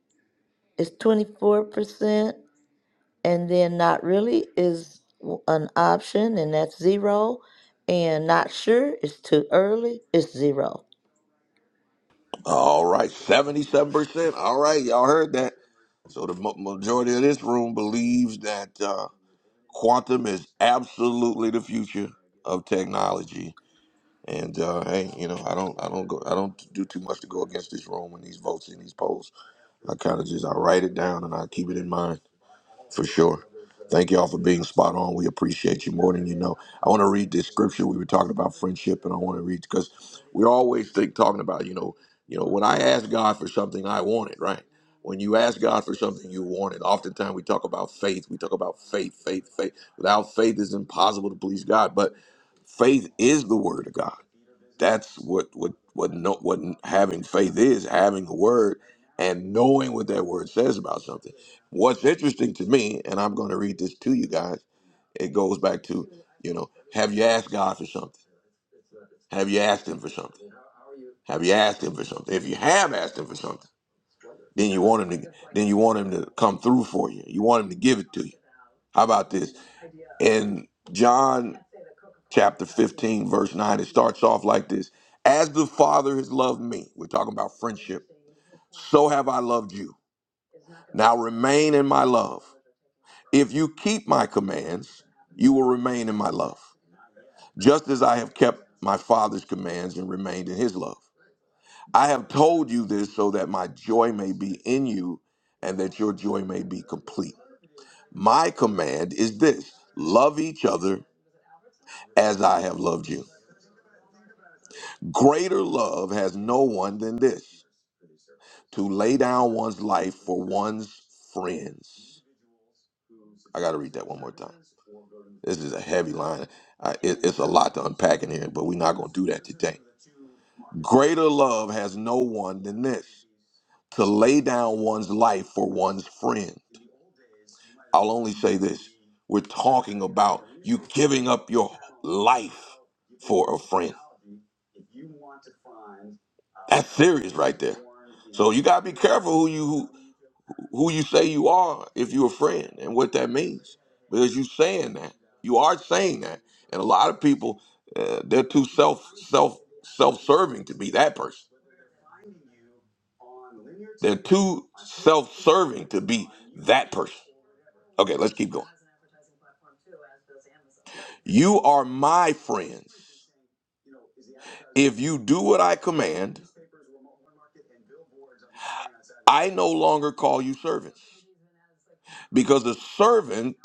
Speaker 2: it's 24%, and then not really is w- an option, and that's zero, and not sure, it's too early, it's zero.
Speaker 1: All right, 77%. All right, y'all heard that. So the ma- majority of this room believes that uh, quantum is absolutely the future of technology. And uh, hey, you know, I don't, I don't go, I don't do too much to go against this room and these votes and these polls. I kind of just I write it down and I keep it in mind. For sure. Thank you all for being spot on. We appreciate you more than you know. I want to read this scripture. We were talking about friendship, and I want to read because we always think talking about you know, you know, when I ask God for something, I want it, right? When you ask God for something, you want it. Oftentimes, we talk about faith. We talk about faith, faith, faith. Without faith, it's impossible to please God. But faith is the word of God that's what what what no, what having faith is having a word and knowing what that word says about something what's interesting to me and i'm going to read this to you guys it goes back to you know have you asked god for something have you asked him for something have you asked him for something if you have asked him for something then you want him to then you want him to come through for you. You want him to give it to you. How about this? In John chapter 15, verse 9, it starts off like this. As the Father has loved me, we're talking about friendship, so have I loved you. Now remain in my love. If you keep my commands, you will remain in my love, just as I have kept my Father's commands and remained in his love. I have told you this so that my joy may be in you and that your joy may be complete. My command is this love each other as I have loved you. Greater love has no one than this to lay down one's life for one's friends. I got to read that one more time. This is a heavy line. I, it, it's a lot to unpack in here, but we're not going to do that today. Greater love has no one than this to lay down one's life for one's friend. I'll only say this we're talking about you giving up your life for a friend. That's serious right there. So you gotta be careful who you who, who you say you are if you're a friend and what that means because you saying that you are saying that and a lot of people uh, they're too self self self-serving to be that person they're too self-serving to be that person okay let's keep going you are my friends if you do what I command, I no longer call you servants, because the servant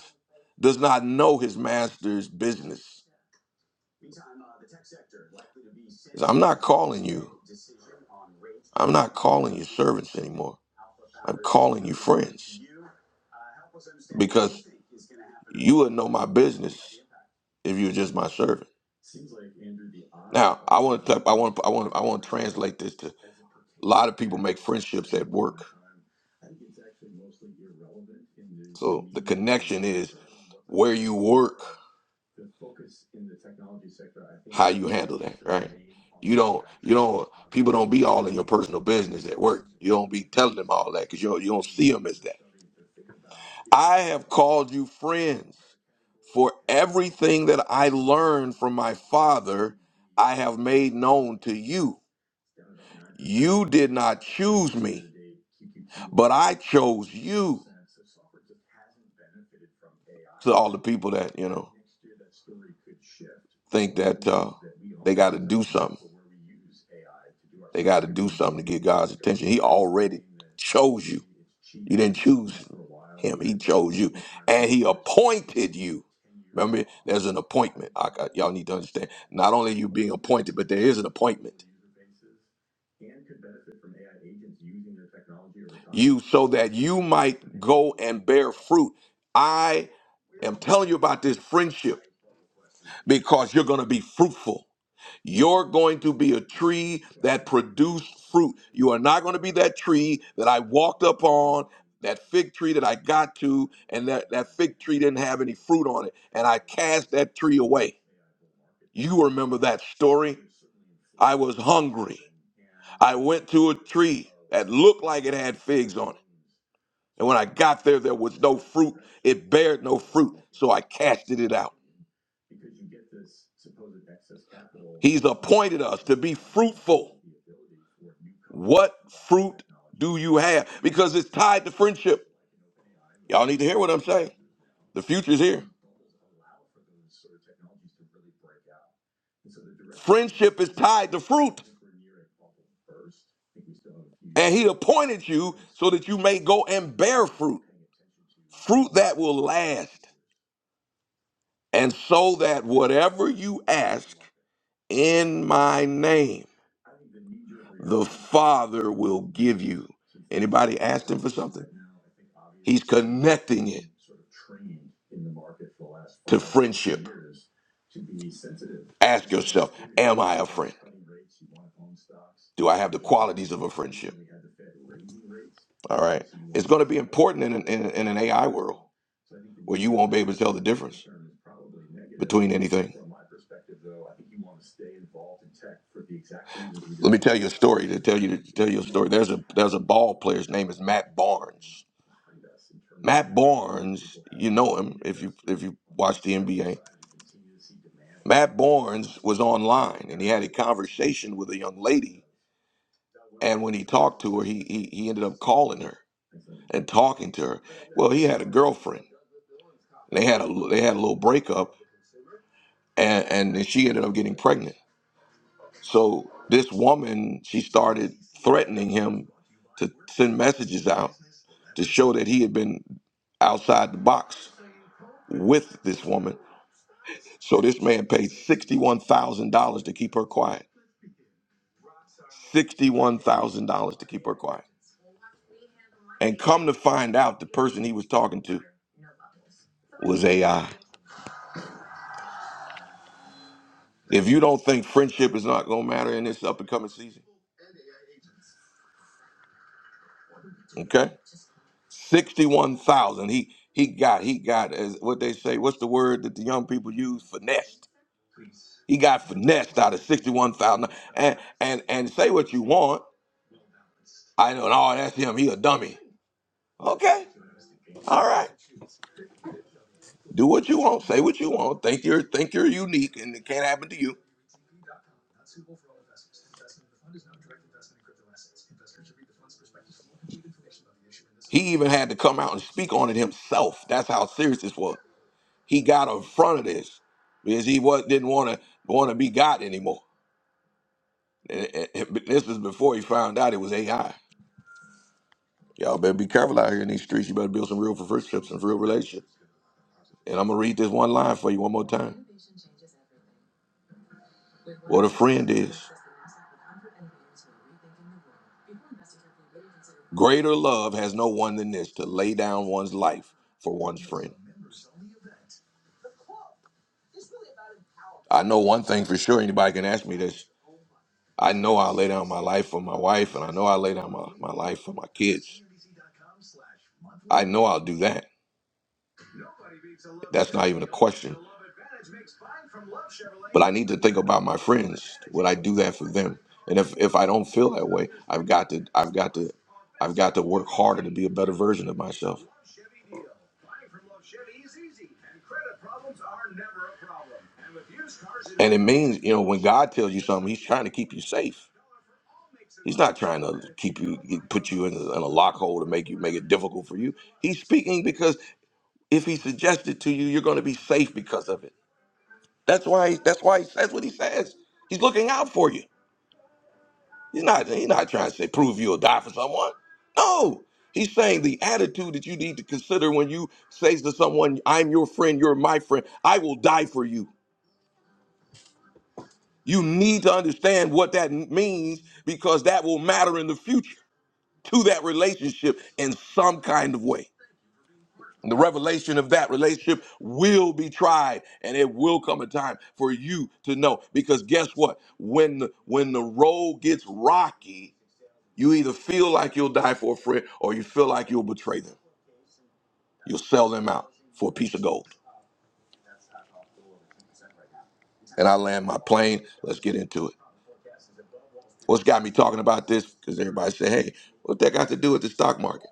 Speaker 1: does not know his master's business i I'm not calling you. I'm not calling you servants anymore. I'm calling you friends because you would know my business if you were just my servant. Now, I want to I want I want I want to translate this to a lot of people make friendships at work. So the connection is where you work how you handle that, right? You don't, you don't, people don't be all in your personal business at work. You don't be telling them all that because you don't, you don't see them as that. I have called you friends for everything that I learned from my father, I have made known to you. You did not choose me, but I chose you. To all the people that, you know, think that uh, they got to do something. They got to do something to get God's attention. He already chose you. You didn't choose him. He chose you. And he appointed you. Remember, there's an appointment. I got, y'all need to understand. Not only are you being appointed, but there is an appointment you so that you might go and bear fruit. I am telling you about this friendship because you're going to be fruitful. You're going to be a tree that produced fruit. You are not going to be that tree that I walked up on, that fig tree that I got to, and that, that fig tree didn't have any fruit on it, and I cast that tree away. You remember that story? I was hungry. I went to a tree that looked like it had figs on it. And when I got there, there was no fruit. It bared no fruit. So I casted it out. He's appointed us to be fruitful. What fruit do you have? Because it's tied to friendship. Y'all need to hear what I'm saying. The future's here. Friendship is tied to fruit. And he appointed you so that you may go and bear fruit, fruit that will last, and so that whatever you ask in my name, the Father will give you. Anybody asked him for something? He's connecting it to friendship. Ask yourself, am I a friend? Do I have the qualities of a friendship? All right. It's going to be important in an, in, an- in an AI world where you won't be able to tell the difference between anything. Let me tell you a story. To tell you to tell you a story. There's a there's a ball player. His name is Matt Barnes. Matt Barnes, you know him if you if you watch the NBA. Matt Barnes was online and he had a conversation with a young lady. And when he talked to her, he, he, he ended up calling her and talking to her. Well, he had a girlfriend. They had a they had a little breakup, and and then she ended up getting pregnant. So this woman, she started threatening him to send messages out to show that he had been outside the box with this woman. So this man paid sixty one thousand dollars to keep her quiet. $61,000 to keep her quiet. And come to find out, the person he was talking to was AI. If you don't think friendship is not gonna matter in this up and coming season, okay? Sixty-one thousand. He he got he got as what they say. What's the word that the young people use? Finessed. He got finessed out of sixty-one thousand. And and and say what you want. I know. And, Oh, that's him. He a dummy. Okay. All right. Do what you want. Say what you want. Think you're think you're unique and it can't happen to you. He even had to come out and speak on it himself. That's how serious this was. He got in front of this because he was, didn't want to want to be God anymore. And- and- and this was before he found out it was AI. Y'all better be careful out here in these streets. You better build some real friendships and real relationships. And I'm gonna read this one line for you one more time. What a friend is. Greater love has no one than this to lay down one's life for one's friend. I know one thing for sure, anybody can ask me this. I know I'll lay down my life for my wife, and I know I'll lay down my, my life for my kids. I know I'll do that. That's not even a question. But I need to think about my friends. Would I do that for them? And if, if I don't feel that way, I've got to I've got to I've got to work harder to be a better version of myself. And it means, you know, when God tells you something, He's trying to keep you safe. He's not trying to keep you, put you in a, in a lock hole to make you make it difficult for you. He's speaking because if he suggested to you, you're going to be safe because of it. That's why. That's why he says what he says. He's looking out for you. He's not. He's not trying to say prove you'll die for someone. No. He's saying the attitude that you need to consider when you say to someone, "I'm your friend. You're my friend. I will die for you." You need to understand what that means because that will matter in the future to that relationship in some kind of way. The revelation of that relationship will be tried, and it will come a time for you to know. Because guess what? When the, when the road gets rocky, you either feel like you'll die for a friend, or you feel like you'll betray them. You'll sell them out for a piece of gold. And I land my plane. Let's get into it. What's got me talking about this? Because everybody say, "Hey, what that got to do with the stock market?"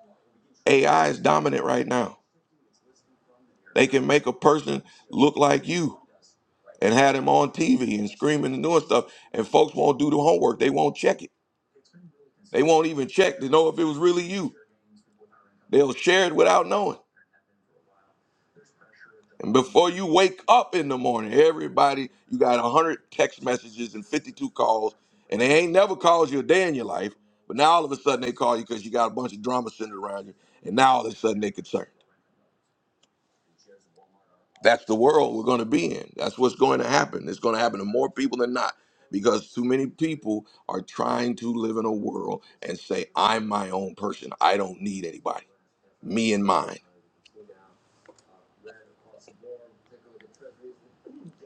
Speaker 1: AI is dominant right now. They can make a person look like you. and had him on TV and screaming and doing stuff. And folks won't do the homework. They won't check it. They won't even check to know if it was really you. They'll share it without knowing. And before you wake up in the morning, everybody, you got 100 text messages and 52 calls, and they ain't never called you a day in your life. But now all of a sudden they call you because you got a bunch of drama centered around you. And now all of a sudden they're concerned. That's the world we're going to be in. That's what's going to happen. It's going to happen to more people than not because too many people are trying to live in a world and say, I'm my own person. I don't need anybody. Me and mine.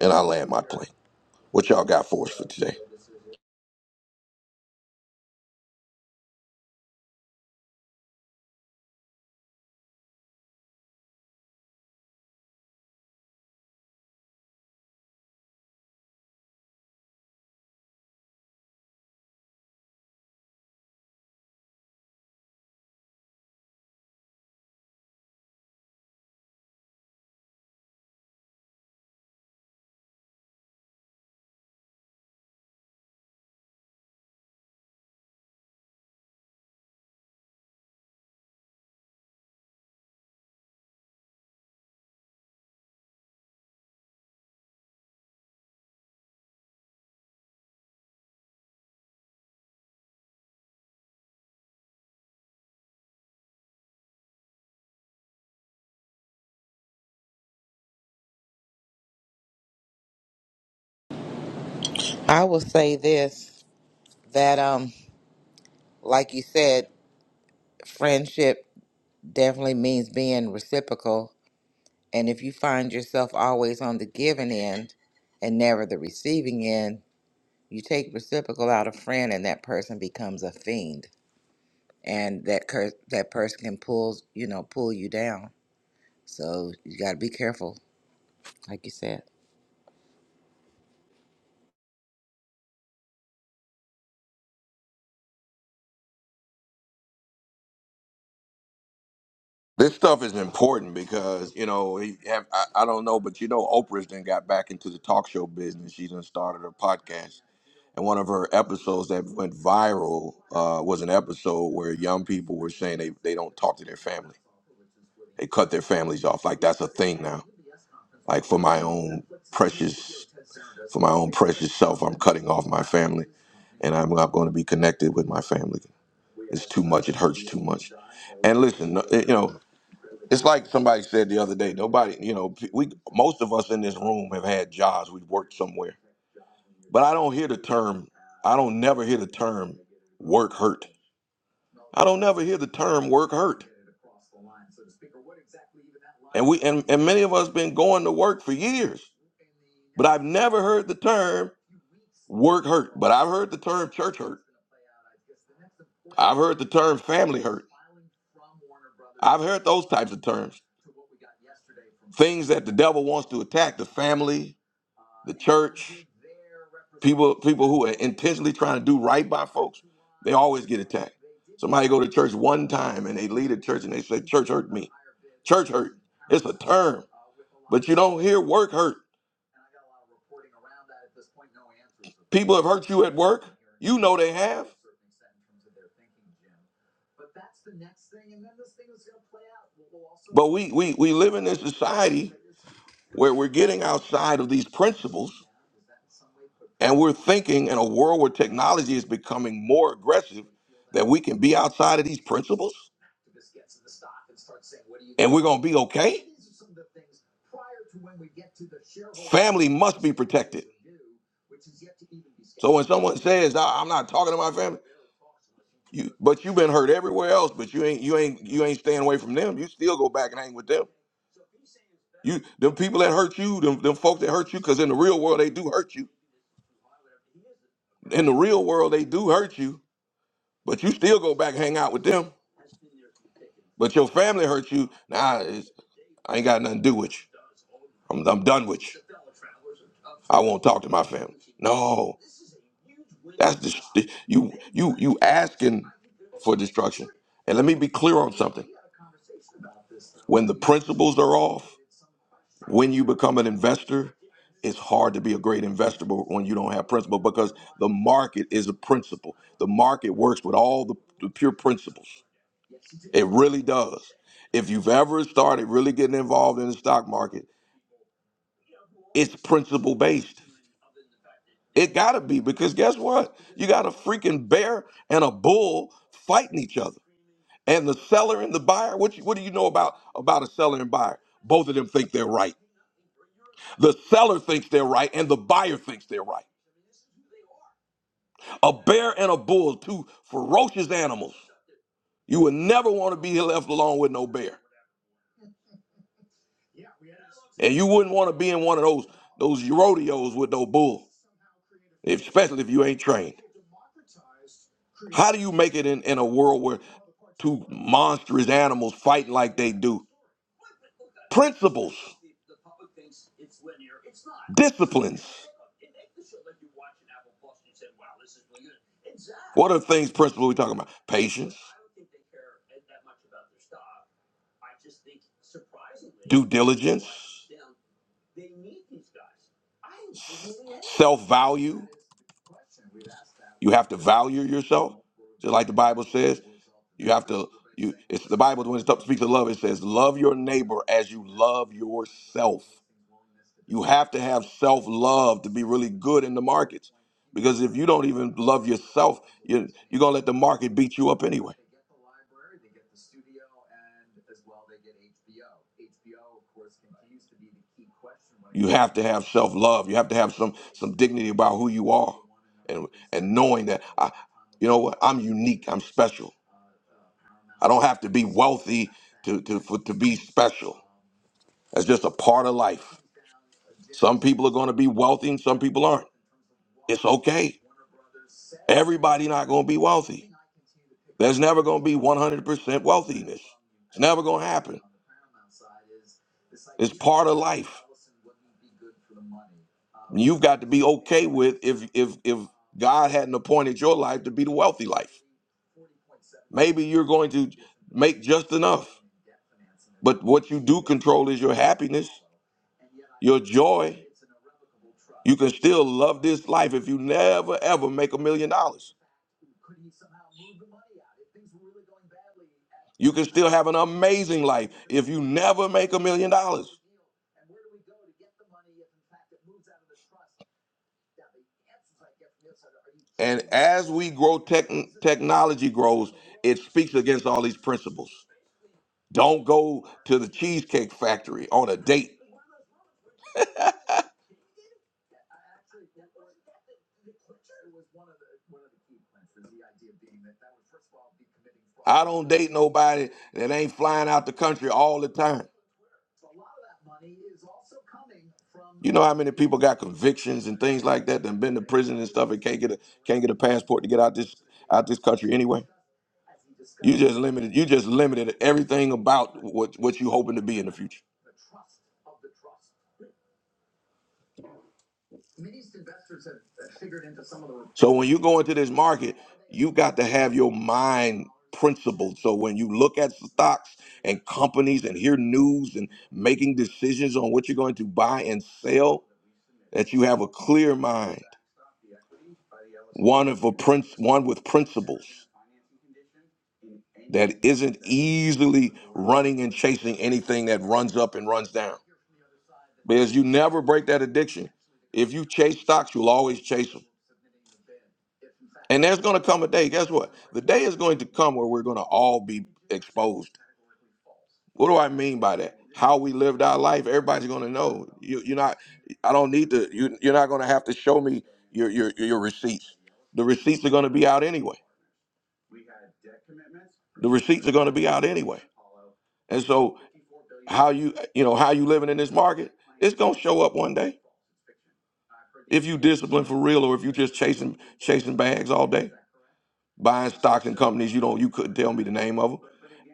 Speaker 1: And I land my plane. What y'all got for us for today?
Speaker 7: I will say this that, um, like you said, friendship definitely means being reciprocal. And if you find yourself always on the giving end and never the receiving end, You take reciprocal out of friend, and that person becomes a fiend, and that cur- that person can pull you know pull you down. So you got to be careful, like you said.
Speaker 1: This stuff is important because, you know, he have, I, I don't know, but you know, Oprah's then got back into the talk show business. She done started her podcast. And one of her episodes that went viral uh, was an episode where young people were saying they, they don't talk to their family They cut their families off. Like that's a thing now. Like for my own precious, for my own precious self, I'm cutting off my family, and I'm not going to be connected with my family. It's too much. It hurts too much. And listen, no- it- you know, it's like somebody said the other day. Nobody, you know, p- we most of us in this room have had jobs. We've worked somewhere, but I don't hear the term. I don't never hear the term work hurt. I don't never hear the term work hurt. And we and, and many of us been going to work for years. But I've never heard the term work hurt. But I've heard the term church hurt. I've heard the term family hurt. I've heard those types of terms. Things that the devil wants to attack the family, the church, people people who are intentionally trying to do right by folks, they always get attacked. Somebody go to church one time and they lead a church and they say, Church hurt me. Church hurt. It's a term. But you don't hear work hurt. People have hurt you at work. You know they have. But we, we, we live in a society where we're getting outside of these principles and we're thinking in a world where technology is becoming more aggressive that we can be outside of these principles and we're going to be okay. Family must be protected. So when someone says, "I- "I'm not talking to my family," you but you've been hurt everywhere else, but you ain't you ain't you ain't staying away from them. You still go back and hang with them. You them people that hurt you, them them folks that hurt you, because in the real world they do hurt you in the real world they do hurt you, but you still go back and hang out with them. But your family hurt you. Nah, it's, I ain't got nothing to do with you. I'm, I'm done with you. I won't talk to my family. No, that's the you you you asking for destruction. And let me be clear on something. When the principles are off, when you become an investor, it's hard to be a great investor but when you don't have principle because the market is a principle. The market works with all the, the pure principles. It really does. If you've ever started really getting involved in the stock market, it's principle based. It gotta be because guess what? You got a freaking bear and a bull fighting each other, and the seller and the buyer. What you, what do you know about about a seller and buyer? Both of them think they're right. The seller thinks they're right, and the buyer thinks they're right. A bear and a bull, two ferocious animals. You would never want to be left alone with no bear, and you wouldn't want to be in one of those those rodeos with no bull. especially if you ain't trained. How do you make it in, in a world where two monstrous animals fighting like they do? Principles, disciplines. What are things, principles we talking about? Patience, due diligence, self value. You have to value yourself, just like the Bible says. You have to. You. It's the Bible when it speaks of love. It says, "Love your neighbor as you love yourself." You have to have self love to be really good in the markets, because if you don't even love yourself, you're, you're gonna let the market beat you up anyway. You have to have self love. You have to have some some dignity about who you are, and and knowing that I, you know what, I'm unique. I'm special. I don't have to be wealthy to to for, to be special. That's just a part of life. Some people are going to be wealthy and some people aren't. It's okay. Everybody not going to be wealthy. There's never going to be 100% wealthiness. It's never going to happen. It's part of life. You've got to be okay with if if if God hadn't appointed your life to be the wealthy life. Maybe you're going to make just enough. But what you do control is your happiness, your joy. You can still love this life if you never ever make a million dollars. You can still have an amazing life if you never make a million dollars. And as we grow, tech technology grows, it speaks against all these principles. Don't go to the Cheesecake Factory on a date. I don't date nobody that ain't flying out the country all the time. You know how many people got convictions and things like that that been to prison and stuff and can't get a can't get a passport to get out this out this country anyway? You just limited you just limited everything about what what you hoping to be in the future. So when you go into this market, you got to have your mind principled. So when you look at stocks and companies and hear news and making decisions on what you're going to buy and sell, that you have a clear mind, one of a prince, one with principles that isn't easily running and chasing anything that runs up and runs down. Because you never break that addiction. If you chase stocks, you'll always chase them. And there's going to come a day, guess what? The day is going to come where we're going to all be exposed. What do I mean by that? How we lived our life, everybody's going to know. You, you're not, I don't need to, you, you're not going to have to show me your, your, your receipts. The receipts are going to be out anyway. The receipts are going to be out anyway. And so how you, you know, how you living in this market, it's going to show up one day. If you discipline for real or if you just chasing, chasing bags all day. buying stocks and companies you don't you couldn't tell me the name of them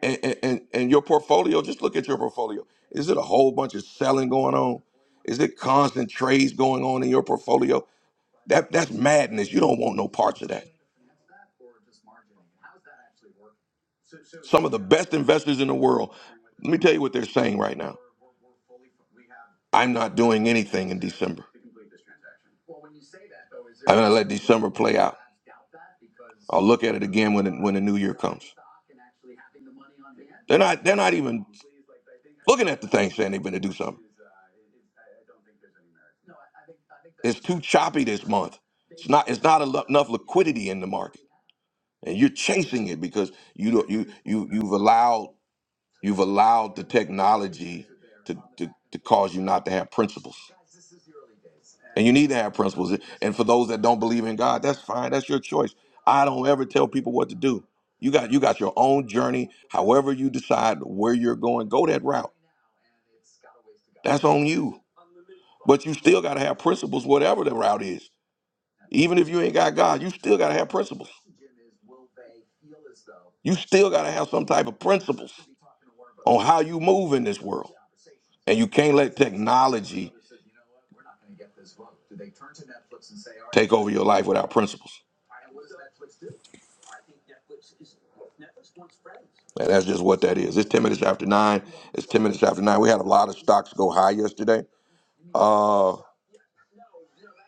Speaker 1: and and, and and your portfolio just look at your portfolio is it a whole bunch of selling going on is it constant trades going on in your portfolio that that's madness you don't want no parts of that some of the best investors in the world let me tell you what they're saying right now i'm not doing anything in december i'm going to let december play out i'll look at it again when it, when the new year comes They're not. They're not even looking at the thing saying they're going to do something. It's too choppy this month. It's not. It's not alo- enough liquidity in the market, and you're chasing it because you don't. You you you've allowed you've allowed the technology to to, to cause you not to have principles, and you need to have principles. And for those that don't believe in God, that's fine. That's your choice. I don't ever tell people what to do. You got you got your own journey. However you decide where you're going, go that route. That's on you. But you still got to have principles, whatever the route is. Even if you ain't got God, you still got to have principles. You still got to have some type of principles on how you move in this world. And you can't let technology take over your life without principles. And that's just what that is. It's 10 minutes after nine. It's 10 minutes after nine. We had a lot of stocks go high yesterday. Uh,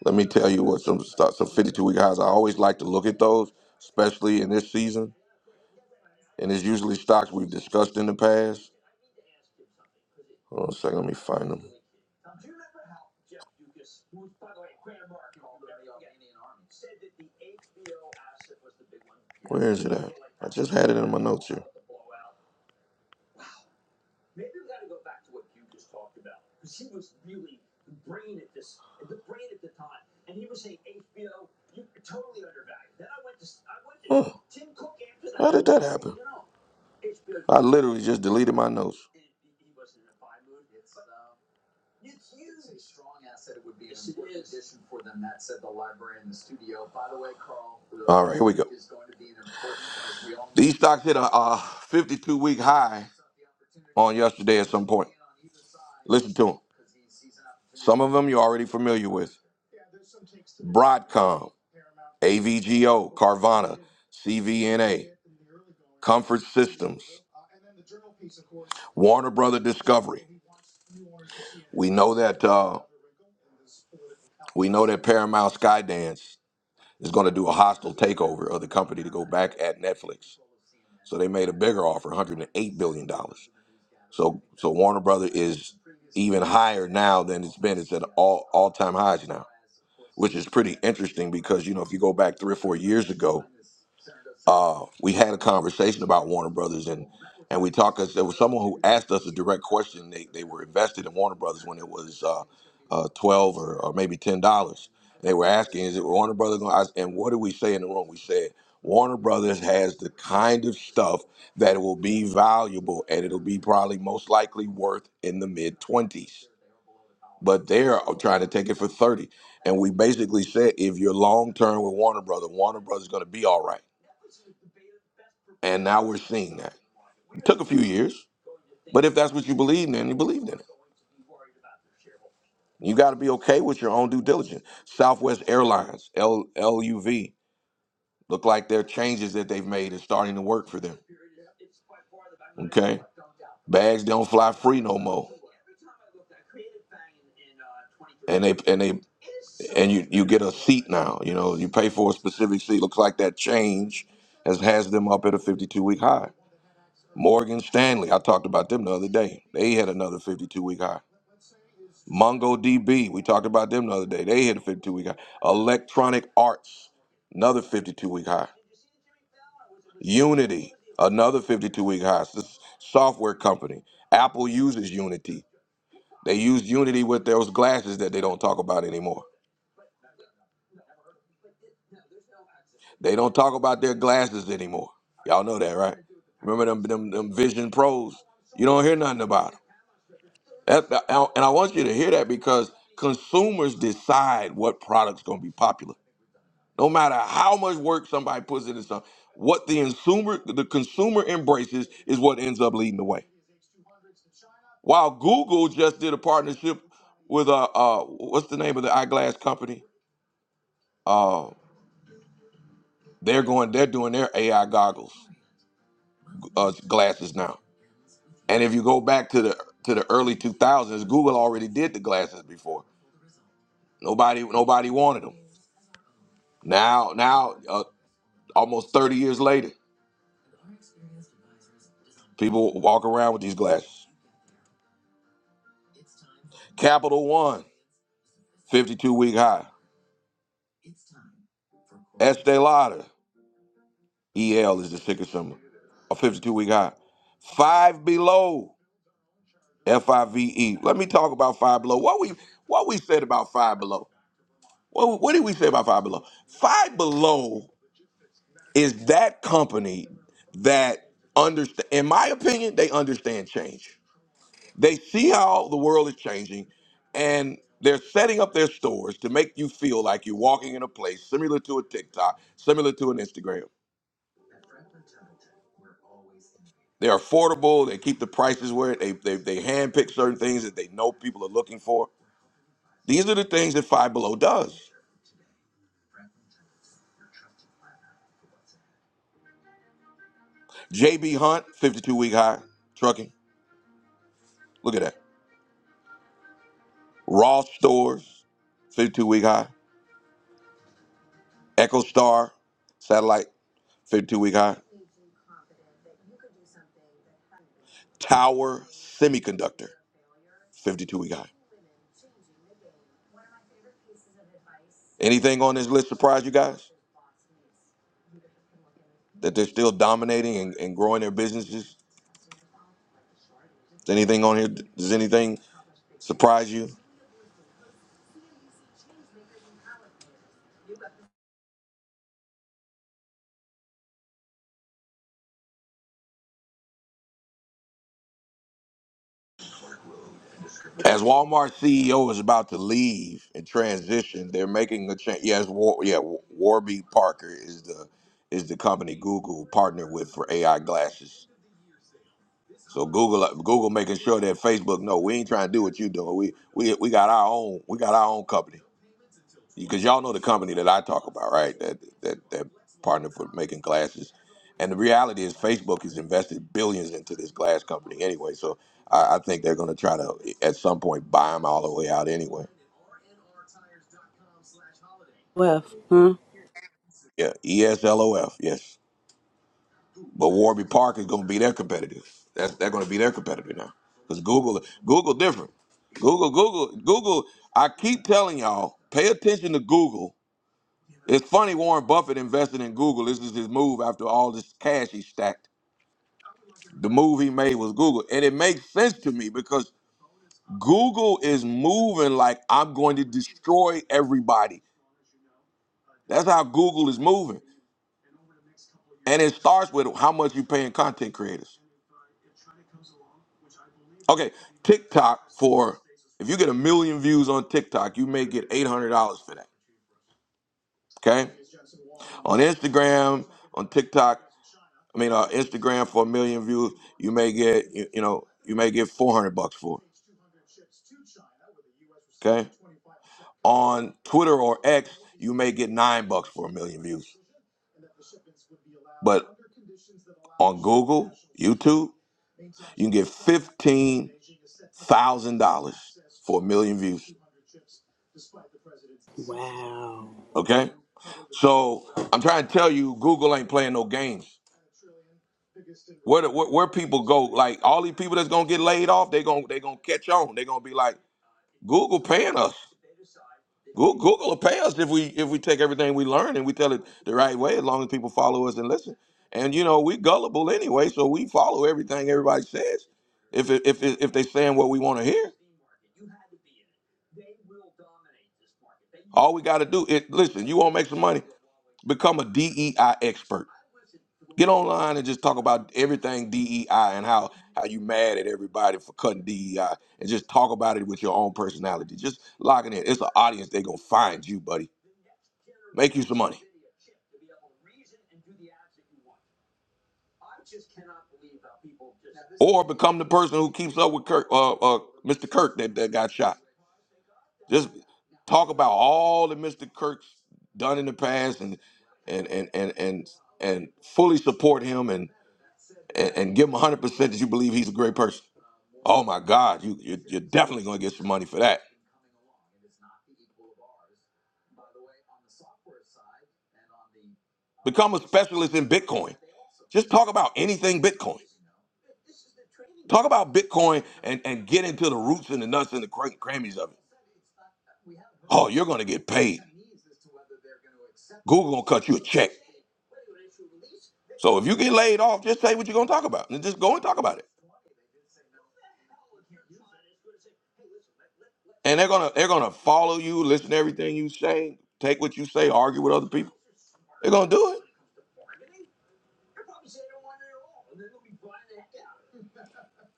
Speaker 1: let me tell you what some stocks, some 52 week highs. I always like to look at those, especially in this season. And it's usually stocks we've discussed in the past. Hold on a second, let me find them. Where is it at? I just had it in my notes here. Huh. How did that happen? I literally just deleted my notes. For them, that said, the library and the studio. By the way, Carl, All right, here we go. Is going to be an important, as we all know. These stocks hit a, uh 52 week high on yesterday at some point. Listen to them. Some of them you're already familiar with Broadcom, AVGO, Carvana, CVNA, Comfort Systems, Warner Brother Discovery. We know that uh, we know that Paramount Skydance is going to do a hostile takeover of the company to go back at Netflix. So they made a bigger offer, 108 billion dollars. So so Warner Brother is even higher now than it's been. It's at all all time highs now, which is pretty interesting because you know if you go back three or four years ago, uh, we had a conversation about Warner Brothers, and and we talked. 'cause There was someone who asked us a direct question. They they were invested in Warner Brothers when it was uh, uh, twelve or, or maybe ten dollars. They were asking, "Is it Warner Brothers?" gonna- I- And what did we say in the room? We said Warner Brothers has the kind of stuff that will be valuable, and it'll be probably most likely worth in the mid twenties. But they're trying to take it for thirty. And we basically said, if you're long term with Warner Brothers, Warner Brothers is going to be all right and now we're seeing that. It took a few years, but if that's what you believed in, you believed in it. You got to be okay with your own due diligence. Southwest Airlines, L- LUV, look like their changes that they've made is starting to work for them. Okay? Bags don't fly free no more. And they and they and you you get a seat now. You know, you pay for a specific seat. Looks like that change has has them up at a 52 week high. Morgan Stanley, I talked about them the other day. They had another 52 week high. MongoDB, we talked about them the other day. They hit a 52 week high. Electronic Arts, another 52 week high. Unity, another 52 week high. It's This software company. Apple uses Unity. They use Unity with those glasses that they don't talk about anymore. They don't talk about their glasses anymore. Y'all know that, right? Remember them, them, them Vision Pros? You don't hear nothing about 'em. That- that- And I want you to hear that because consumers decide what product's going to be popular. No matter how much work somebody puts into something, what the consumer the consumer embraces is what ends up leading the way. While Google just did a partnership with uh, uh what's the name of the eyeglass company? Uh, they're going they're doing their AI goggles uh, glasses now. And if you go back to the to the early 2000s, Google already did the glasses before. Nobody nobody wanted them. Now, now, uh, Almost 30 years later, people walk around with these glasses. Capital One, 52 week high. Estee Lauder, EL is the ticker symbol, a 52 week high. Five Below, F I V E. Let me talk about Five Below. What we what we said about Five Below? What, what did we say about Five Below? Five Below is that company that understand. In my opinion, they understand change They see how the world is changing and they're setting up their stores to make you feel like you're walking in a place similar to a TikTok, similar to an Instagram. They're affordable, they keep the prices where they, they, they handpick certain things that they know people are looking for. These are the things that Five Below does. JB Hunt, 52 week high, trucking. Look at that. Ross Stores, 52 week high. Echo Star, satellite, 52 week high. Tower Semiconductor. 52 we got. Anything on this list surprise you guys? That they're still dominating and, and growing their businesses? Is anything on here? Does anything surprise you? As Walmart CEO is about to leave and transition, they're making a change. Yes, War, yeah, Warby Parker is the is the company Google partnered with for AI glasses. So Google uh, Google making sure that Facebook no, we ain't trying to do what you doing. We we we got our own we got our own company because y'all know the company that I talk about, right? That that that partner for making glasses. And the reality is Facebook has invested billions into this glass company anyway. So I, I think they're going to try to at some point buy them all the way out anyway.
Speaker 3: left, huh?
Speaker 1: Yeah, ESLOF. Yes. But Warby Parker is going to be their competitor. That's they're going to be their competitor now because Google Google different. Google Google Google. I keep telling y'all, pay attention to Google. It's funny Warren Buffett invested in Google. This is his move after all this cash he stacked. The move he made was Google, and it makes sense to me because Google is moving like I'm going to destroy everybody. That's how Google is moving, and it starts with how much you paying content creators. Okay, TikTok for if you get a million views on TikTok, you may get eight hundred dollars for that. Okay, on Instagram, on TikTok, I mean, uh, Instagram for a million views, you may get you, you know you may get four hundred bucks for it. Okay, on Twitter or X, you may get nine bucks for a million views, but on Google, YouTube. You can get fifteen thousand dollars for a million views.
Speaker 3: Wow.
Speaker 1: Okay, so I'm trying to tell you, Google ain't playing no games. Where, the, where where people go, like all these people that's gonna get laid off, they gonna they gonna catch on. They gonna be like, Google paying us. Google, Google will pay us if we if we take everything we learn and we tell it the right way, as long as people follow us and listen. And you know we gullible anyway, so we follow everything everybody says. If it, if it, if they saying what we want to hear, all we got to do is listen. You want to make some money? Become a DEI expert. Get online and just talk about everything DEI and how how you mad at everybody for cutting DEI and just talk about it with your own personality. Just logging in. It's an audience. They gonna find you, buddy. Make you some money, or become the person who keeps up with Kirk, uh, uh, Mr. Kirk that, that got shot. Just talk about all that Mr. Kirk's done in the past and and and and and, and fully support him and. and, and give him 100% that you believe he's a great person. Oh my God, you, you're, you're definitely going to get some money for that. Become a specialist in Bitcoin. Just talk about anything Bitcoin. Talk about Bitcoin and, and get into the roots and the nuts and the cra- crammies of it. Oh, you're going to get paid. Google going to cut you a check. So if you get laid off, just say what you're going to talk about and just go and talk about it. and they're gonna they're gonna follow you, listen to everything you say, take what you say, argue with other people. They're gonna do it.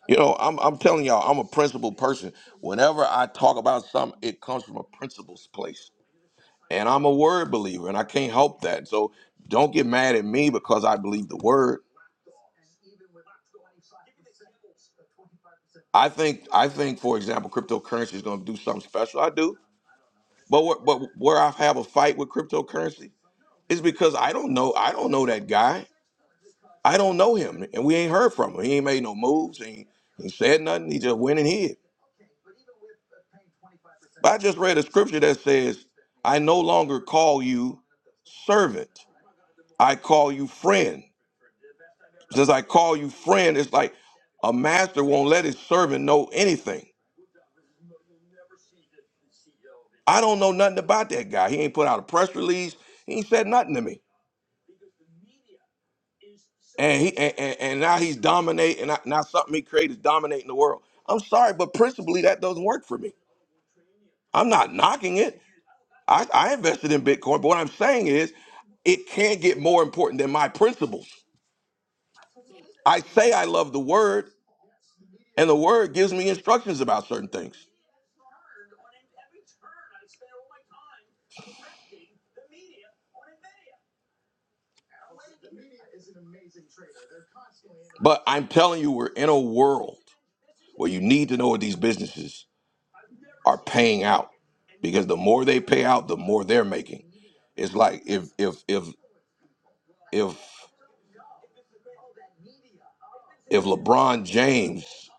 Speaker 1: You know, I'm I'm telling y'all, I'm a principled person. Whenever I talk about something, it comes from a principles place, and I'm a word believer, and I can't help that. So don't get mad at me because I believe the word. I think I think, for example, cryptocurrency is gonna do something special. I do, but where, but where I have a fight with cryptocurrency is because I don't know I don't know that guy. I don't know him, and we ain't heard from him. He ain't made no moves. He ain't, he ain't said nothing. He just went and hid. But I just read a scripture that says, "I no longer call you servant. I call you friend." Since I call you friend, it's like a master won't let his servant know anything. I don't know nothing about that guy. He ain't put out a press release. He ain't said nothing to me. And he and, and, and now he's dominating. Now now something he created is dominating the world. I'm sorry, but principally that doesn't work for me. I'm not knocking it. I, I invested in Bitcoin, but what I'm saying is it can't get more important than my principles. I say I love the word, and the word gives me instructions about certain things. But I'm telling you, we're in a world where you need to know what these businesses are paying out. Because the more they pay out, the more they're making. It's like if if if if if LeBron James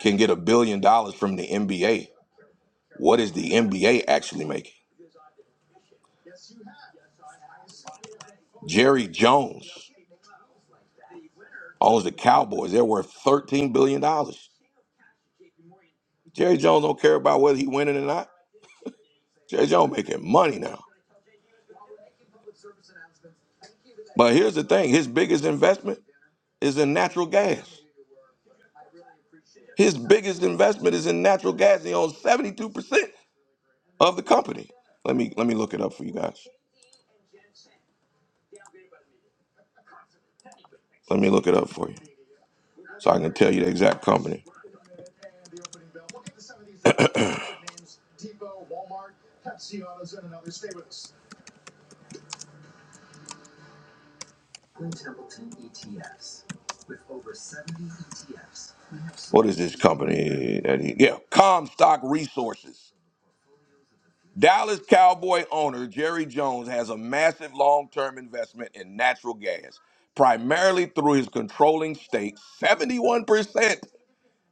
Speaker 1: can get a billion dollars from the NBA. What is the NBA actually making? Jerry Jones owns the Cowboys. They're worth thirteen billion dollars. Jerry Jones don't care about whether he winning or not. Jerry Jones making money now. But here's the thing: his biggest investment is in natural gas. His biggest investment is in natural gas. He owns seventy-two percent of the company. Let me let me look it up for you guys. Let me look it up for you, so I can tell you the exact company. Blue Templeton E T Fs. With over seventy E T Fs, we have What is this company? That he, yeah, Comstock Resources. Dallas Cowboy owner Jerry Jones has a massive long term investment in natural gas, primarily through his controlling stake, 71%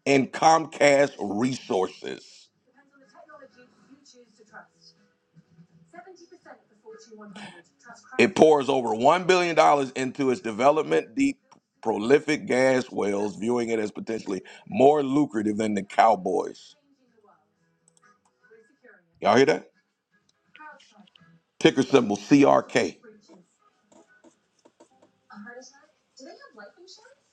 Speaker 1: in Comcast Resources. It pours over $1 billion dollars into its development deep, prolific gas wells, viewing it as potentially more lucrative than the Cowboys. Y'all hear that? Ticker symbol CRK.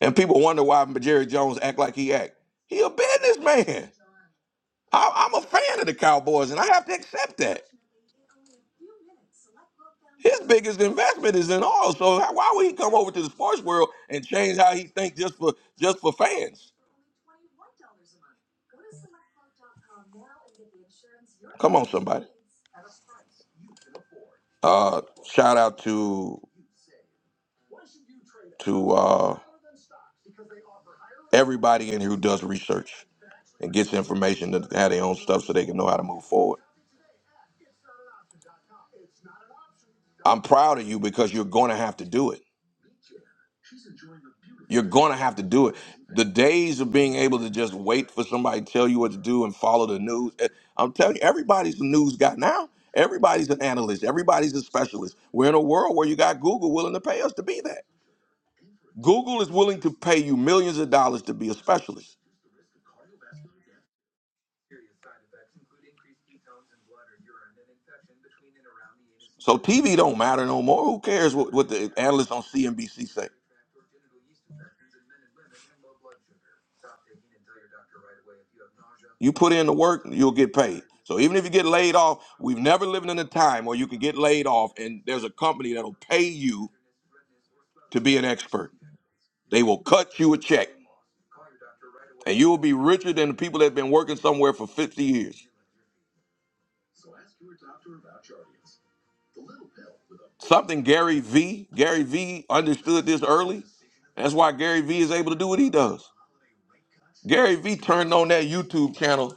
Speaker 1: And people wonder why Jerry Jones act like he act. He a businessman. I, I'm a fan of the Cowboys, and I have to accept that. His biggest investment is in oil, so how- why would he come over to the sports world and change how he thinks just for just for fans? Come on, somebody. Uh, shout out to to uh, everybody in here who does research and gets information to have their own stuff so they can know how to move forward. I'm proud of you because you're going to have to do it. You're going to have to do it. The days of being able to just wait for somebody to tell you what to do and follow the news. eh, I'm telling you, everybody's a news guy now. Everybody's an analyst. Everybody's a specialist. We're in a world where you got Google willing to pay us to be that. Google is willing to pay you millions of dollars to be a specialist. So TV don't matter no more. Who cares what, what the analysts on CNBC say? You put in the work, you'll get paid. So even if you get laid off, we've never lived in a time where you can get laid off and there's a company that'll pay you to be an expert. They will cut you a check and you will be richer than the people that have been working somewhere for 50 years. Something Gary V, Gary V understood this early. That's why Gary V is able to do what he does. Gary V turned on that YouTube channel.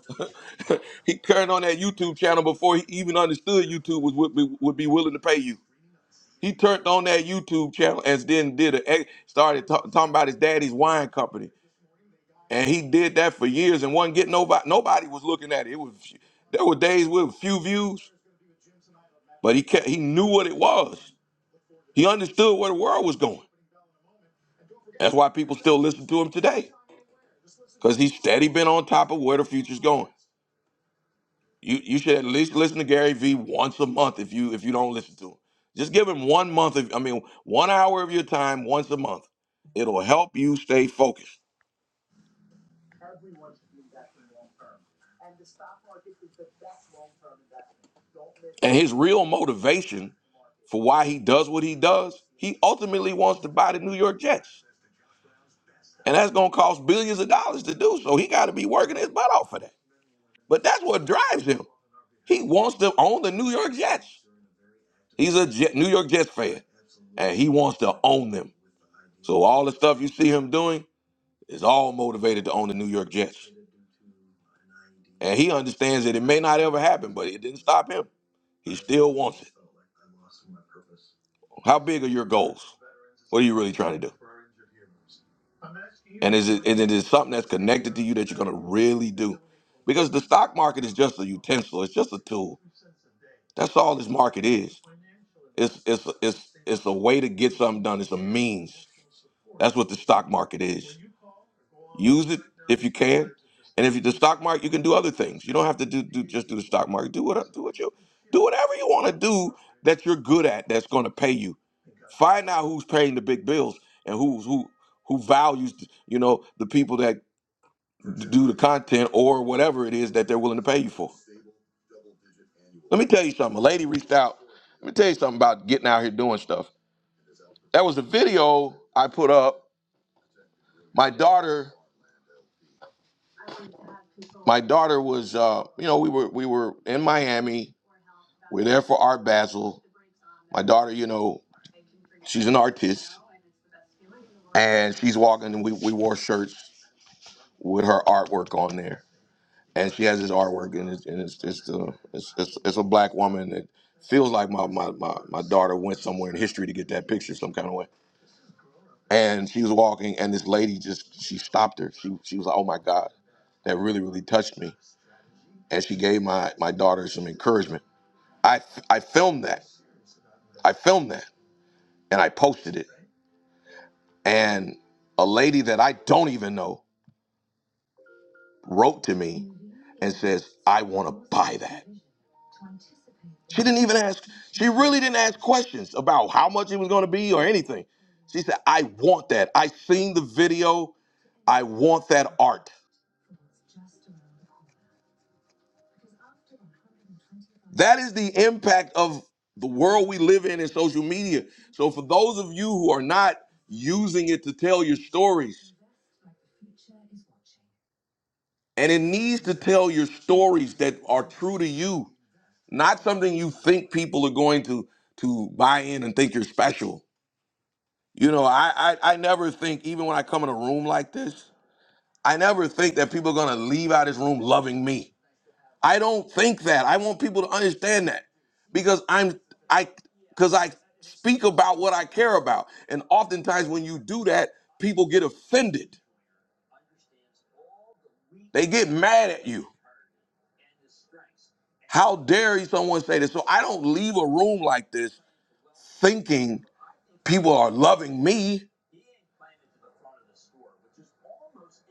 Speaker 1: he turned on that YouTube channel before he even understood YouTube was would be, would be willing to pay you. He turned on that YouTube channel and then did a eh, started ta- talking about his daddy's wine company, and he did that for years and wasn't getting nobody. Nobody was looking at it. It was there were days with few views, but he kept, he knew what it was. He understood where the world was going. That's why people still listen to him today, because he's steady been on top of where the future's going. You you should at least listen to Gary Vee once a month if you if you don't listen to him. Just give him one month of I mean one hour of your time once a month. It'll help you stay focused. And his real motivation for why he does what he does, he ultimately wants to buy the New York Jets. And that's gonna cost billions of dollars to do. So he gotta be working his butt off for that. But that's what drives him. He wants to own the New York Jets. He's a Jet, New York Jets fan, and he wants to own them. So all the stuff you see him doing, is all motivated to own the New York Jets. And he understands that it may not ever happen, but it didn't stop him. He still wants it. How big are your goals? What are you really trying to do? And is it, and it is something that's connected to you that you're going to really do? Because the stock market is just a utensil, it's just a tool. That's all this market is. It's, it's, it's, it's a way to get something done, it's a means. That's what the stock market is. Use it if you can, and if you the stock market, you can do other things. You don't have to do, do just do the stock market. Do what do what you do whatever you want to do that you're good at. That's going to pay you. Find out who's paying the big bills and who's who who values you know the people that do the content or whatever it is that they're willing to pay you for. Let me tell you something. A lady reached out. Let me tell you something about getting out here doing stuff. That was a video I put up. My daughter, my daughter was, uh, you know, we were we were in Miami We're there for art Basel. My daughter, you know, she's an artist, and she's walking. And we, we wore shirts with her artwork on there, and she has this artwork, and it's and it's it's a it's, it's, it's a black woman that feels like my, my my my daughter went somewhere in history to get that picture some kind of way. And she was walking, and this lady just she stopped her. She she was like, oh my god, that really really touched me, and she gave my my daughter some encouragement. I I filmed that. I filmed that, and I posted it And a lady that I don't even know wrote to me and says, I want to buy that. She didn't even ask, she really didn't ask questions about how much it was going to be or anything. She said, I want that. I seen the video. I want that art. That is the impact of the world we live in in social media. So, for those of you who are not using it to tell your stories, And it needs to tell your stories that are true to you, not something you think people are going to to buy in and think you're special. You know, I I, I never think, even when I come in a room like this, I never think that people are gonna leave out of this room loving me. I don't think that. I want people to understand that because I'm I because I speak about what I care about, and oftentimes when you do that, people get offended. They get mad at you How dare you someone say this? So I don't leave a room like this thinking people are loving me.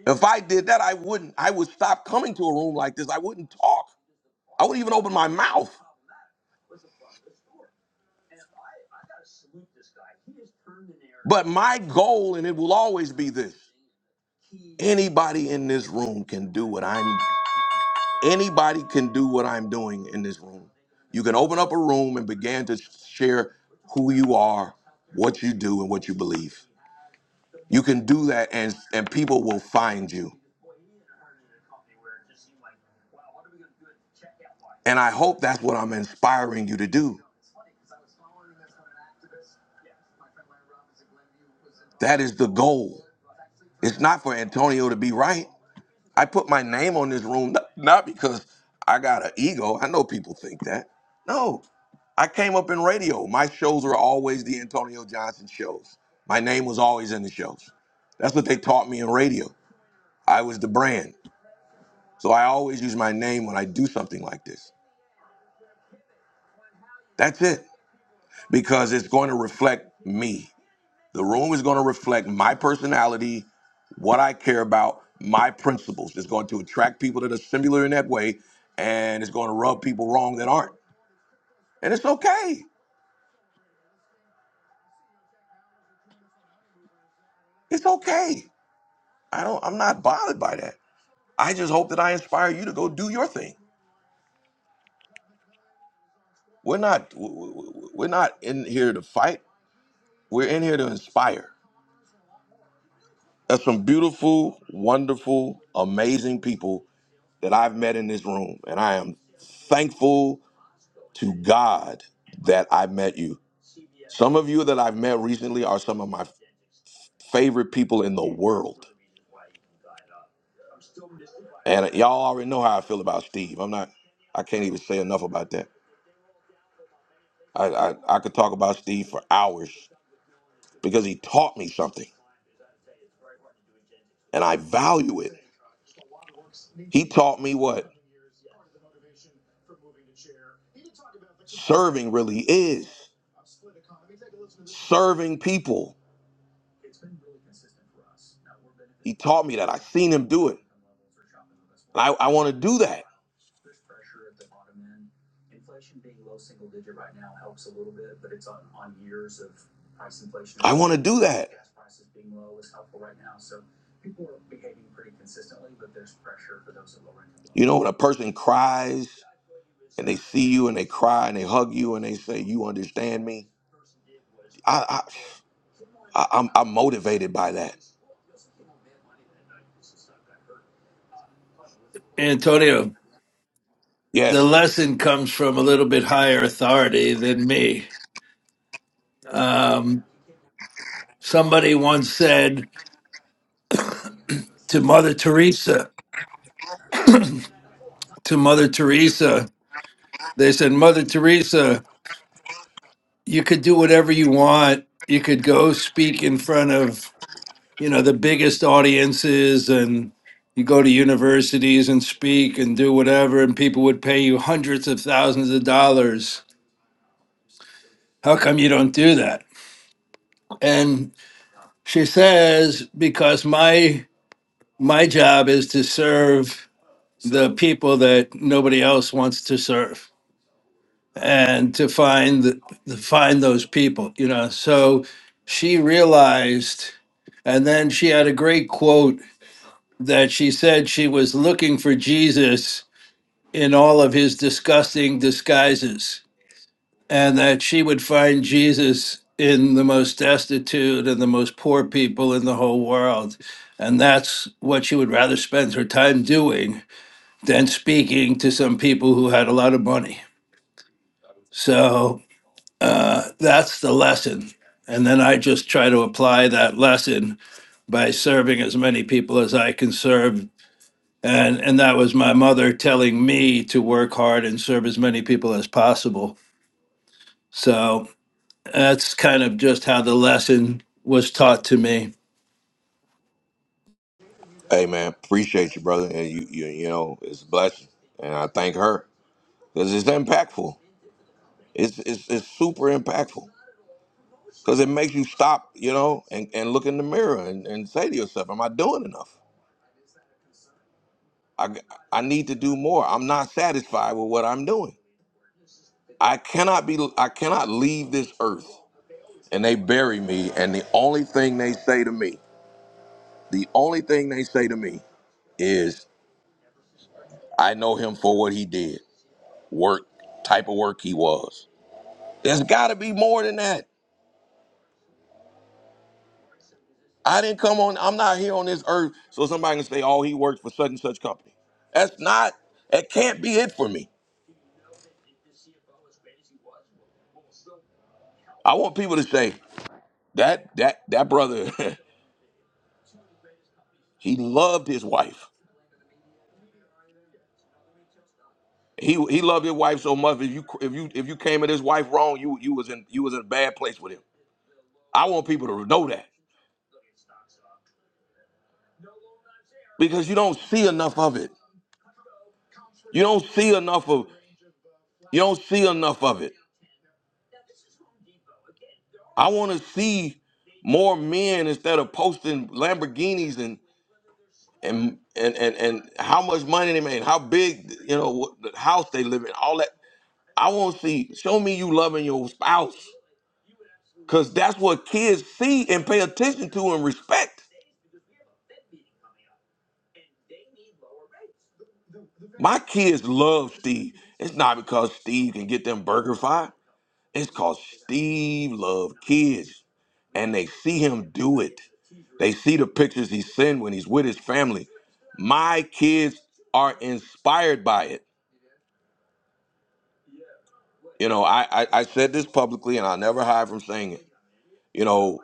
Speaker 1: If I did that, I wouldn't. I would stop coming to a room like this. I wouldn't talk. I wouldn't even open my mouth. But my goal, and it will always be this anybody in this room can do what I'm anybody can do what I'm doing in this room. You can open up a room and begin to share who you are, what you do, and what you believe. You can do that and and people will find you. And I hope that's what I'm inspiring you to do. That is the goal. It's not for Antonio to be right. I put my name on this room not not because I got an ego. I know people think that. No, I came up in radio. My shows were always the Antonio Johnson shows. My name was always in the shows. That's what they taught me in radio. I was the brand. So I always use my name when I do something like this. That's it, because it's going to reflect me. The room is going to reflect my personality, what I care about, my principles. It's going to attract people that are similar in that way, and it's going to rub people wrong that aren't. And it's okay. It's okay. I don't. I'm not bothered by that. I just hope that I inspire you to go do your thing. We're not. w- w- w- We're not in here to fight. We're in here to inspire. There's some beautiful, wonderful, amazing people that I've met in this room, and I am thankful to God that I met you. Some of you that I've met recently are some of my favorite people in the world. And y'all already know how I feel about Steve. I'm not, I can't even say enough about that. I, I, I could talk about Steve for hours because he taught me something and I value it. He taught me what serving really is serving people. He taught me that. I've seen him do it. And I, I want to do that. I want to do that. You know, when a person cries and they see you and they cry and they hug you and they say, "You understand me," I, I, I I'm, I'm motivated by that.
Speaker 8: Antonio, the
Speaker 1: Yes.
Speaker 8: lesson comes from a little bit higher authority than me. Somebody once said to Mother Teresa, to Mother Teresa, they said, Mother Teresa, you could do whatever you want. You could go speak in front of, you know, the biggest audiences and you go to universities and speak and do whatever, and people would pay you hundreds of thousands of dollars. How come you don't do that? And she says, because my my job is to serve the people that nobody else wants to serve and to find the, to find those people you know so she realized and then she had a great quote that she said she was looking for Jesus in all of his disgusting disguises and that she would find Jesus in the most destitute and the most poor people in the whole world and that's what she would rather spend her time doing than speaking to some people who had a lot of money. So uh, that's the lesson. And then I just try to apply that lesson by serving as many people as I can serve. And, and that was my mother telling me to work hard and serve as many people as possible. So that's kind of just how the lesson was taught to me.
Speaker 1: Hey, man, appreciate you, brother. And you, you, you know, it's a blessing, and I thank her because it's impactful. It's, it's, it's super impactful because it makes you stop, you know, and, and look in the mirror and, and say to yourself, "Am I doing enough? I, I need to do more. I'm not satisfied with what I'm doing." I cannot be I cannot leave this earth. And they bury me and the only thing they say to me, the only thing they say to me is I know him for what he did. Work, type of work he was. There's got to be more than that. I didn't come on I'm not here on this earth so somebody can say oh he worked for such and such company. That's not that can't be it for me. I want people to say that that that brother he loved his wife. He he loved his wife so much. If you if you if you came at his wife wrong, you you was in you was in a bad place with him. I want people to know that because you don't see enough of it. You don't see enough of you don't see enough of it. I want to see more men instead of posting Lamborghinis and and and and, and how much money they made, how big you know what, the house they live in, all that. I want to see. Show me you loving your spouse, cause that's what kids see and pay attention to and respect. My kids love Steve. It's not because Steve can get them burger fry. It's because Steve love kids. And they see him do it. They see the pictures he send when he's with his family. My kids are inspired by it. You know, I, I, I said this publicly and I'll never hide from saying it. You know,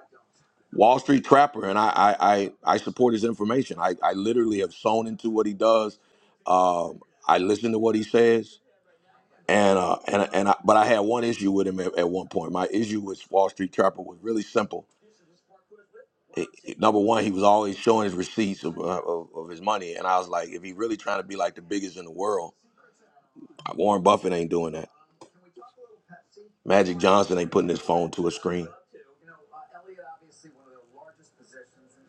Speaker 1: Wall Street Trapper, and I I, I, I support his information. I, I literally have sewn into what he does. Um, I listen to what he says. and uh, and and I, but I had one issue with him at, at one point. My issue with Wall Street Trapper was really simple. It- it- number one, he was always showing his receipts of, uh, of of his money, and I was like, if he really trying to be like the biggest in the world, uh, Warren Buffett ain't doing that. Magic Johnson ain't putting his phone to a screen.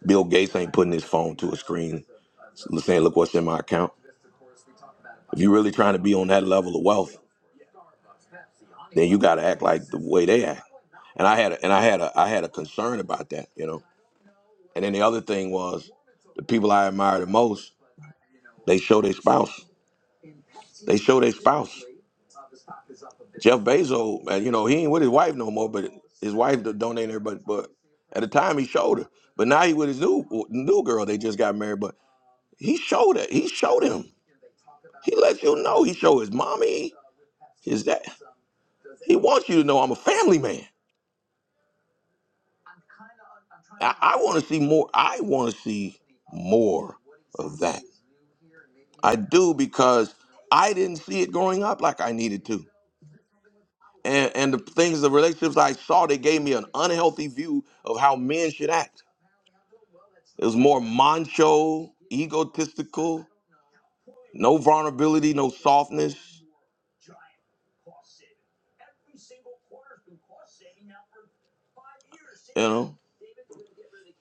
Speaker 1: Bill Gates ain't putting his phone to a screen, saying, "Look what's in my account." If you're really trying to be on that level of wealth, then you got to act like the way they act. And I had a, and I had a I had a concern about that, you know. And then the other thing was the people I admire the most, they show their spouse. They show their spouse. Jeff Bezos, man, you know, he ain't with his wife no more, but his wife do- donated her, but but at the time he showed her. But now he with his new new girl. They just got married, but he showed it. He showed him. He let you know. He showed his mommy, his dad. He wants you to know I'm a family man. I, I want to see more. I want to see more of that. I do because I didn't see it growing up like I needed to. And, and the things, the relationships I saw, they gave me an unhealthy view of how men should act. It was more macho, egotistical, no vulnerability, no softness, You know.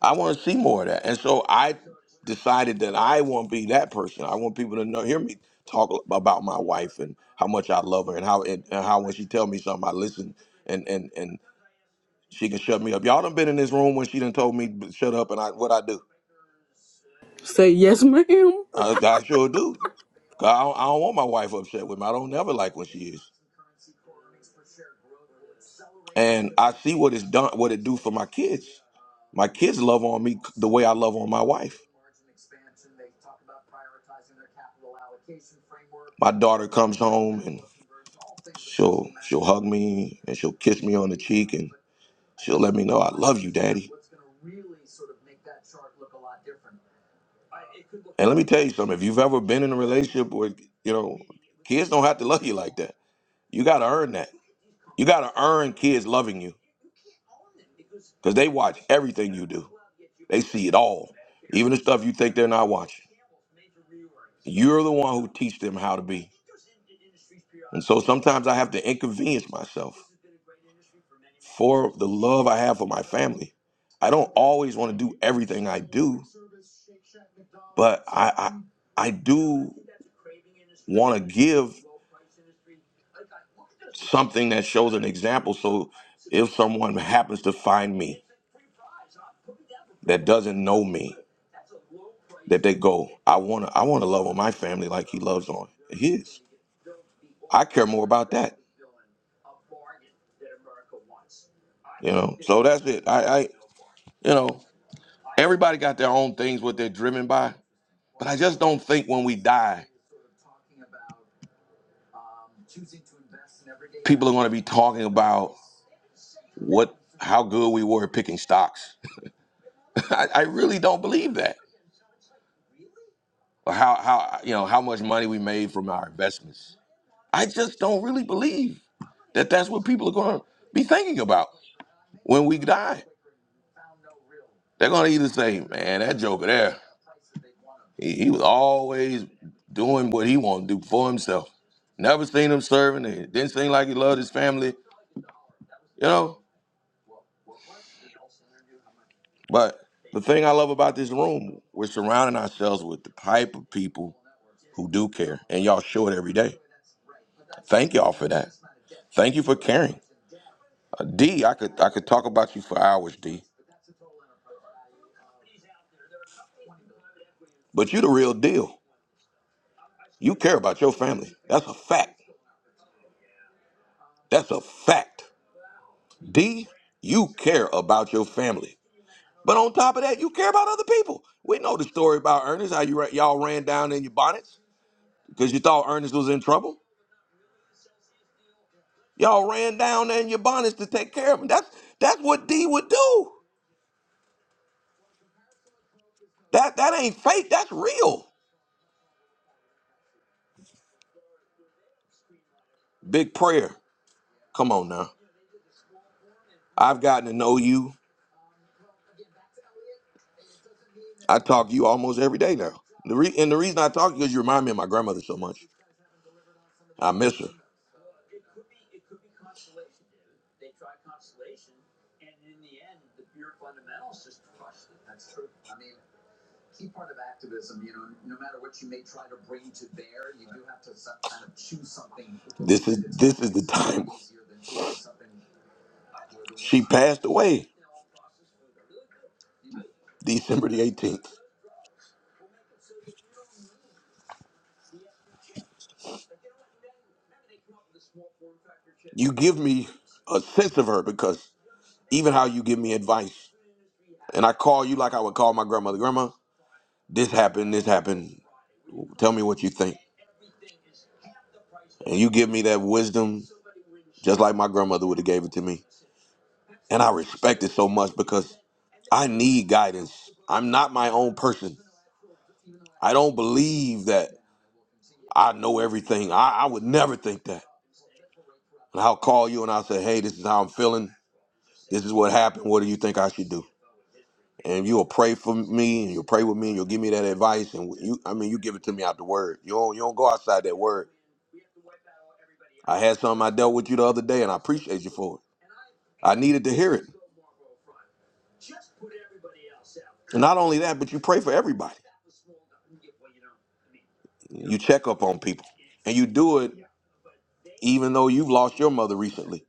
Speaker 1: I want to see more of that. And so I decided that I want to be that person. I want people to know, hear me talk about my wife and how much I love her and how and, and how when she tell me something, I listen and and and she can shut me up. Y'all done been in this room when she done told me to shut up and I what I do.
Speaker 3: Say yes, ma'am.
Speaker 1: I, I sure do. 'Cause I don't, I don't want my wife upset with me. I don't never like when she is. and I see what it's done, what it do for my kids. My kids love on me the way I love on my wife. My daughter comes home and she'll she'll hug me and she'll kiss me on the cheek and she'll let me know I love you, daddy. And let me tell you something. If you've ever been in a relationship where you know kids don't have to love you like that, you got to earn that. You got to earn kids loving you. Because they watch everything you do. They see it all. Even the stuff you think they're not watching. You're the one who teach them how to be. And so sometimes I have to inconvenience myself for the love I have for my family. I don't always want to do everything I do, but I I, I do want to give something that shows an example so if someone happens to find me that doesn't know me, that they go, I wanna I wanna love on my family like he loves on his. I care more about that. You know. So that's it. I, I you know, everybody got their own things what they're driven by. But I just don't think when we die, people are gonna be talking about what how good we were at picking stocks. I, I really don't believe that. Or how how you know how much money we made from our investments. I just don't really believe that that's what people are going to be thinking about when we die. They're going to either say, man, that Joker there, he, he was always doing what he wanted to do for himself. Never seen him serving. It didn't seem like he loved his family, you know? But the thing I love about this room, we're surrounding ourselves with the type of people who do care, and y'all show it every day. Thank y'all for that. Thank you for caring. Uh, D, I could I could talk about you for hours, D. But you the real deal. You care about your family. That's a fact. That's a fact. D, you care about your family. But on top of that, you care about other people. We know the story about Ernest, how you ra- y'all ran down in your bonnets because you thought Ernest was in trouble. Y'all ran down in your bonnets to take care of him. That's that's what D would do. That that ain't fake. That's real. Big prayer. Come on now. I've gotten to know you. I talk to you almost every day now. The re- and the reason I talk to you is you remind me of my grandmother so much. I miss her. This is this is the time. She wind passed away December the 18th. You give me a sense of her because even how you give me advice, and I call you like I would call my grandmother, Grandma, this happened, this happened. Tell me what you think. And you give me that wisdom just like my grandmother would have gave it to me. And I respect it so much because I need guidance. I'm not my own person. I don't believe that I know everything. I, I would never think that. And I'll call you and I'll say, hey, this is how I'm feeling. This is what happened. What do you think I should do? And you'll pray for me and you'll pray with me and you'll give me that advice. And you, I mean, you give it to me out the word. You don't, you don't go outside that word. I had something I dealt with you the other day and I appreciate you for it. I needed to hear it. And not only that, but you pray for everybody. You check up on people and you do it. even though you've lost your mother recently.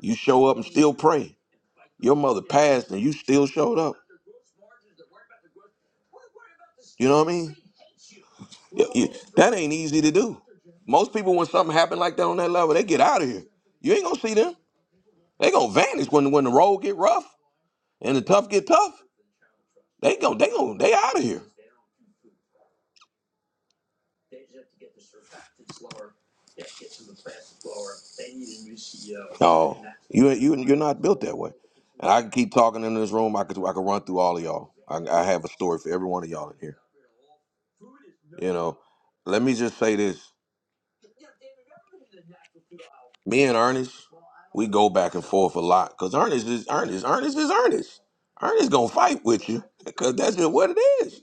Speaker 1: You show up and still pray. Your mother passed and you still showed up. You know what I mean? Yeah, yeah, That ain't easy to do. Most people, when something happen like that on that level, they get out of here. You ain't gonna see them. They gonna vanish when when the road get rough and the tough get tough. They go, they go, they out of here. No, you you you're not built that way. And I can keep talking in this room. I could I could run through all of y'all. I, I have a story for every one of y'all in here. You know, let me just say this: me and Ernest, we go back and forth a lot because Ernest is Ernest. Ernest is Ernest. Ernest gonna fight with you because that's just what it is.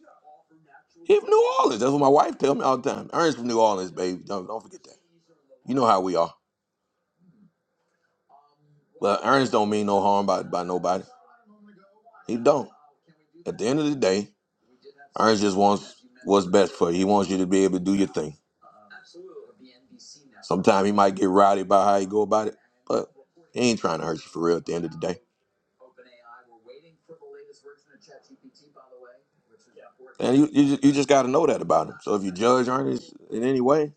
Speaker 1: He from New Orleans. That's what my wife tell me all the time. Ernest from New Orleans, baby. Don't don't forget that. You know how we are. Well, Ernest don't mean no harm by by nobody. He don't. At the end of the day, Ernest just wants what's best for you. He wants you to be able to do your thing. Sometimes he might get rowdy about how he go about it, but he ain't trying to hurt you for real at the end of the day. And you, you, ju- you just got to know that about him. So if you judge Ernest in any way,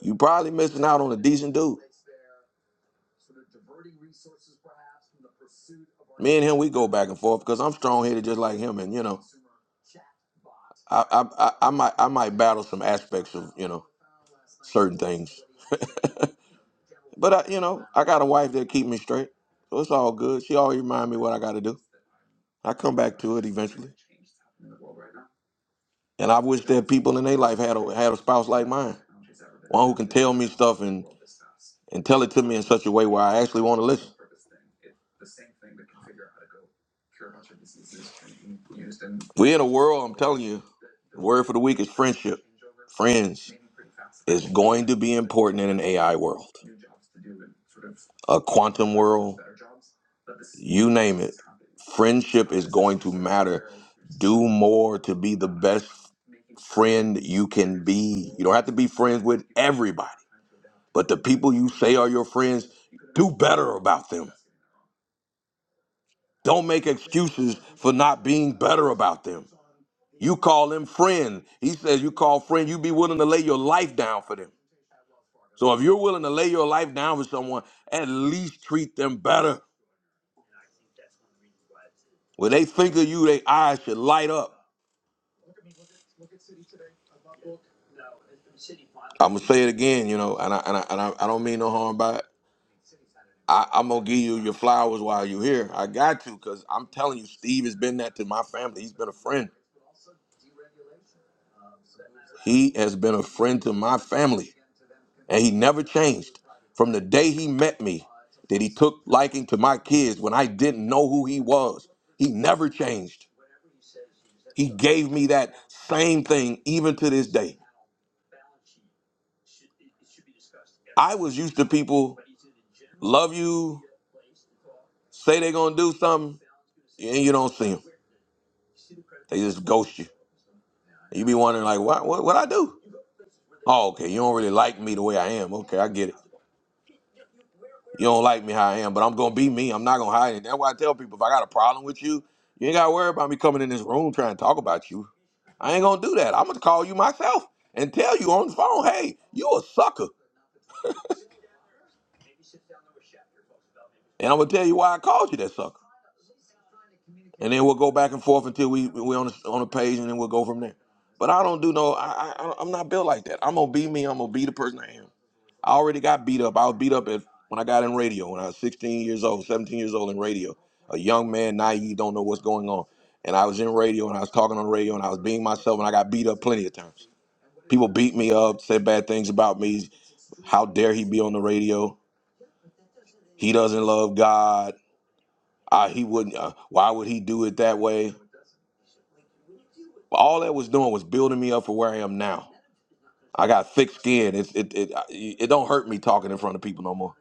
Speaker 1: you probably missing out on a decent dude. Me and him, we go back and forth because I'm strong headed just like him, and you know, I, I I I might I might battle some aspects of you know certain things, but I you know I got a wife that keep me straight, so it's all good. She always remind me what I got to do. I come back to it eventually. And I wish that people in their life had a had a spouse like mine, one who can tell me stuff and and tell it to me in such a way where I actually want to listen. We're in a world, I'm telling you, the word for the week is friendship. Friends is going to be important in an AI world, a quantum world, you name it. Friendship is going to matter. Do more to be the best friend you can be. You don't have to be friends with everybody. But the people you say are your friends, do better about them. Don't make excuses for not being better about them. You call them friend. He says you call friend, you be willing to lay your life down for them. So if you're willing to lay your life down for someone, at least treat them better. When they think of you, their eyes should light up. I'm gonna say it again, you know, and I and I, and I, I don't mean no harm by it. I, I'm gonna give you your flowers while you're here. I got to, cause I'm telling you, Steve has been that to my family. He's been a friend. He has been a friend to my family, and he never changed. From the day he met me, that he took liking to my kids when I didn't know who he was, he never changed. He gave me that same thing even to this day. I was used to people love you, say they're gonna do something, and you don't see them. They just ghost you. You be wondering like, what, what, what I do? Oh, okay. You don't really like me the way I am. Okay, I get it. You don't like me how I am, but I'm gonna be me. I'm not gonna hide it. That's why I tell people if I got a problem with you, you ain't gotta worry about me coming in this room trying to talk about you. I ain't gonna do that. I'm gonna call you myself and tell you on the phone, hey, you a sucker, and I'm gonna tell you why I called you that sucker. And then we'll go back and forth until we we on the, on the page, and then we'll go from there. But I don't do no. I, I I'm not built like that. I'm gonna be me. I'm gonna be the person I am. I already got beat up. I was beat up at, when I got in radio when I was 16 years old, 17 years old in radio. A young man, naive, don't know what's going on. And I was in radio and I was talking on the radio and I was being myself and I got beat up plenty of times. People beat me up, said bad things about me. How dare he be on the radio? He doesn't love God. I, he wouldn't. Uh, why would he do it that way? All that was doing was building me up for where I am now. I got thick skin. It's, it, it, it don't hurt me talking in front of people no more.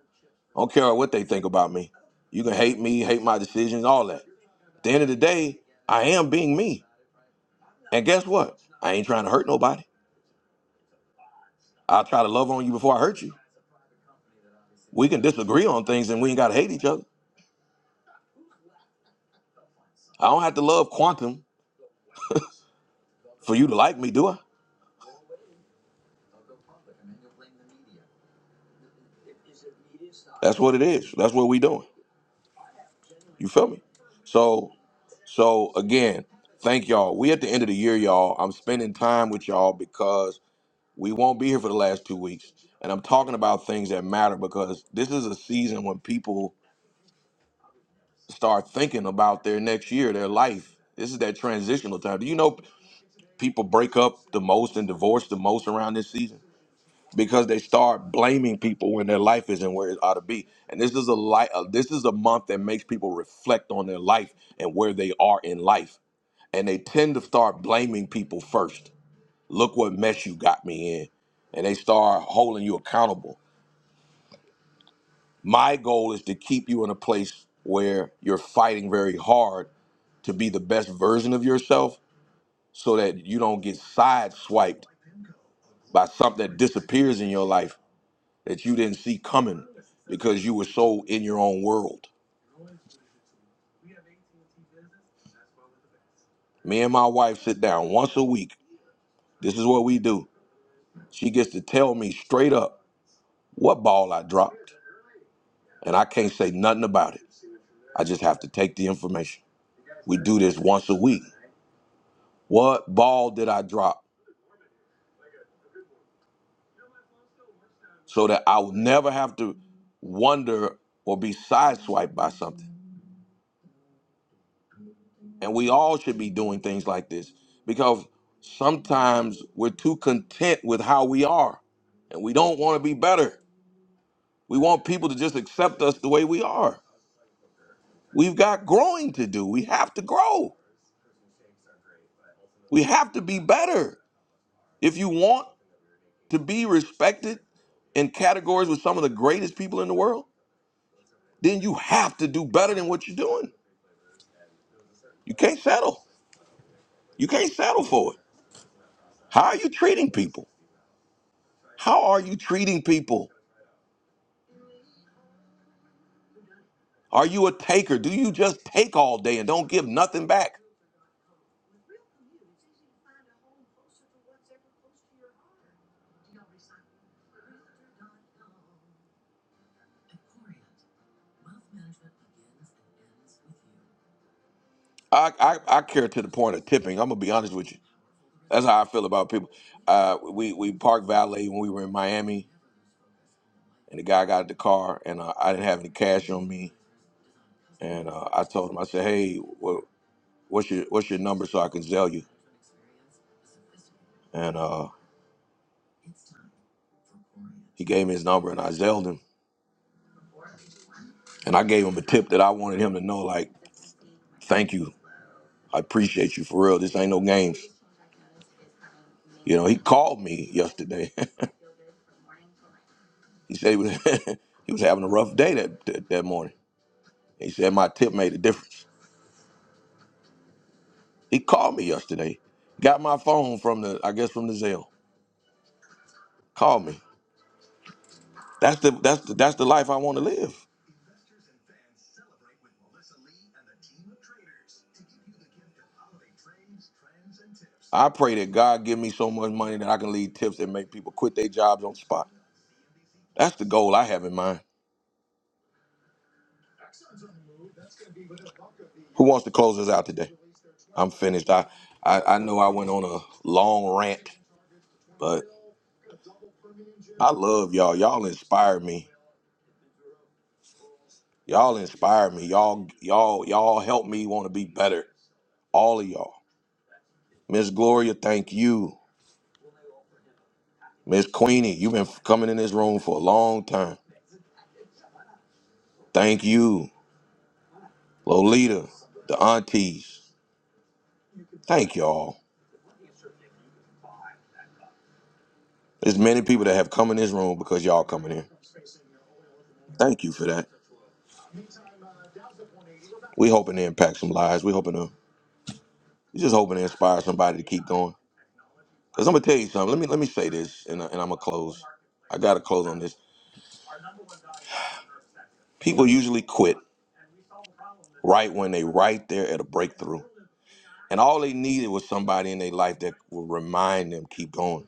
Speaker 1: I don't care what they think about me. You can hate me, hate my decisions, all that. At the end of the day, I am being me. And guess what? I ain't trying to hurt nobody. I'll try to love on you before I hurt you. We can disagree on things and we ain't got to hate each other. I don't have to love quantum for you to like me, do I? That's what it is. That's what we doing. You feel me? So, so again, thank y'all. We at the end of the year, y'all. I'm spending time with y'all because. We won't be here for the last two weeks. And I'm talking about things that matter because this is a season when people start thinking about their next year, their life. This is that transitional time. Do you know people break up the most and divorce the most around this season? Because they start blaming people when their life isn't where it ought to be. And this is a light, this is a month that makes people reflect on their life and where they are in life. And they tend to start blaming people first. Look what mess you got me in and they start holding you accountable. My goal is to keep you in a place where you're fighting very hard to be the best version of yourself so that you don't get sideswiped by something that disappears in your life that you didn't see coming because you were so in your own world. Me and my wife sit down once a week. This is what we do. She gets to tell me straight up what ball I dropped, and I can't say nothing about it. I just have to take the information. We do this once a week. What ball did I drop? so that I will never have to wonder or be sideswiped by something. And we all should be doing things like this because sometimes we're too content with how we are and we don't want to be better. We want people to just accept us the way we are. We've got growing to do. We have to grow. We have to be better. If you want to be respected in categories with some of the greatest people in the world, then you have to do better than what you're doing. You can't settle. You can't settle for it. How are you treating people? How are you treating people? Are you a taker? Do you just take all day and don't give nothing back? I, I, I care to the point of tipping. I'm gonna be honest with you. That's how I feel about people. Uh, we we parked valet when we were in Miami, and the guy got out the car, and uh, I didn't have any cash on me, and uh, I told him, I said, hey, wha what's your what's your number so I can zell you? And uh, he gave me his number, and I zelled him, and I gave him a tip that I wanted him to know, like, thank you I appreciate you for real. This ain't no games. You know, he called me yesterday. he said he was, he was having a rough day that, that that morning. He said my tip made a difference. He called me yesterday. Got my phone from the I guess from the Zelle. Called me. That's the that's the that's the life I want to live. I pray that God give me so much money that I can leave tips that make people quit their jobs on the spot. That's the goal I have in mind. Who wants to close us out today? I'm finished. I, I, I know I went on a long rant, but I love y'all. Y'all inspire me. Y'all inspire me. Y'all, y'all, y'all help me want to be better. All of y'all. Miss Gloria, thank you. Miss Queenie, you've been coming in this room for a long time. Thank you. Lolita, the aunties. Thank y'all. There's many people that have come in this room because y'all coming in. Thank you for that. We hoping to impact some lives. We hoping to We're just hoping to inspire somebody to keep going. Because I'm gonna tell you something. Let me let me say this, and, I- and I'm gonna close. I gotta close on this. People usually quit right when they right there at a breakthrough, and all they needed was somebody in their life that will remind them keep going.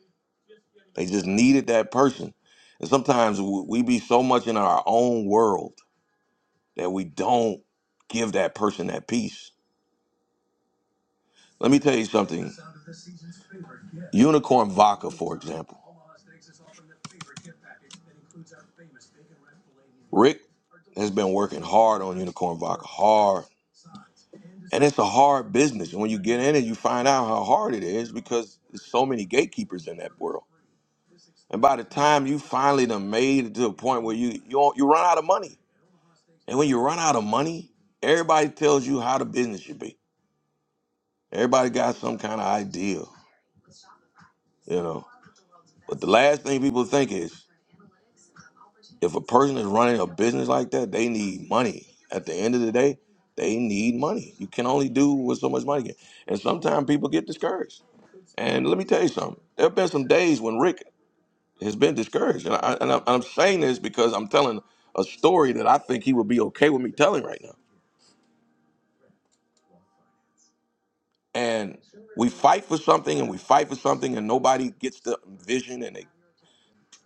Speaker 1: They just needed that person. And sometimes w- we be so much in our own world that we don't give that person that peace. Let me tell you something. Unicorn Vodka, for example, Rick has been working hard on Unicorn Vodka, hard And it's a hard business. And when you get in it, you find out how hard it is because there's so many gatekeepers in that world. And by the time you finally done made it to a point where you you don't- you run out of money. And when you run out of money, everybody tells you how the business should be. Everybody got some kind of idea, you know. But the last thing people think is if a person is running a business like that, they need money. At the end of the day, they need money. You can only do with so much money. you get. And sometimes people get discouraged. And let me tell you something. There have been some days when Rick has been discouraged, and, I, and I'm, I'm saying this because I'm telling a story that I think he would be okay with me telling right now. And we fight for something, and we fight for something, and nobody gets the vision, and they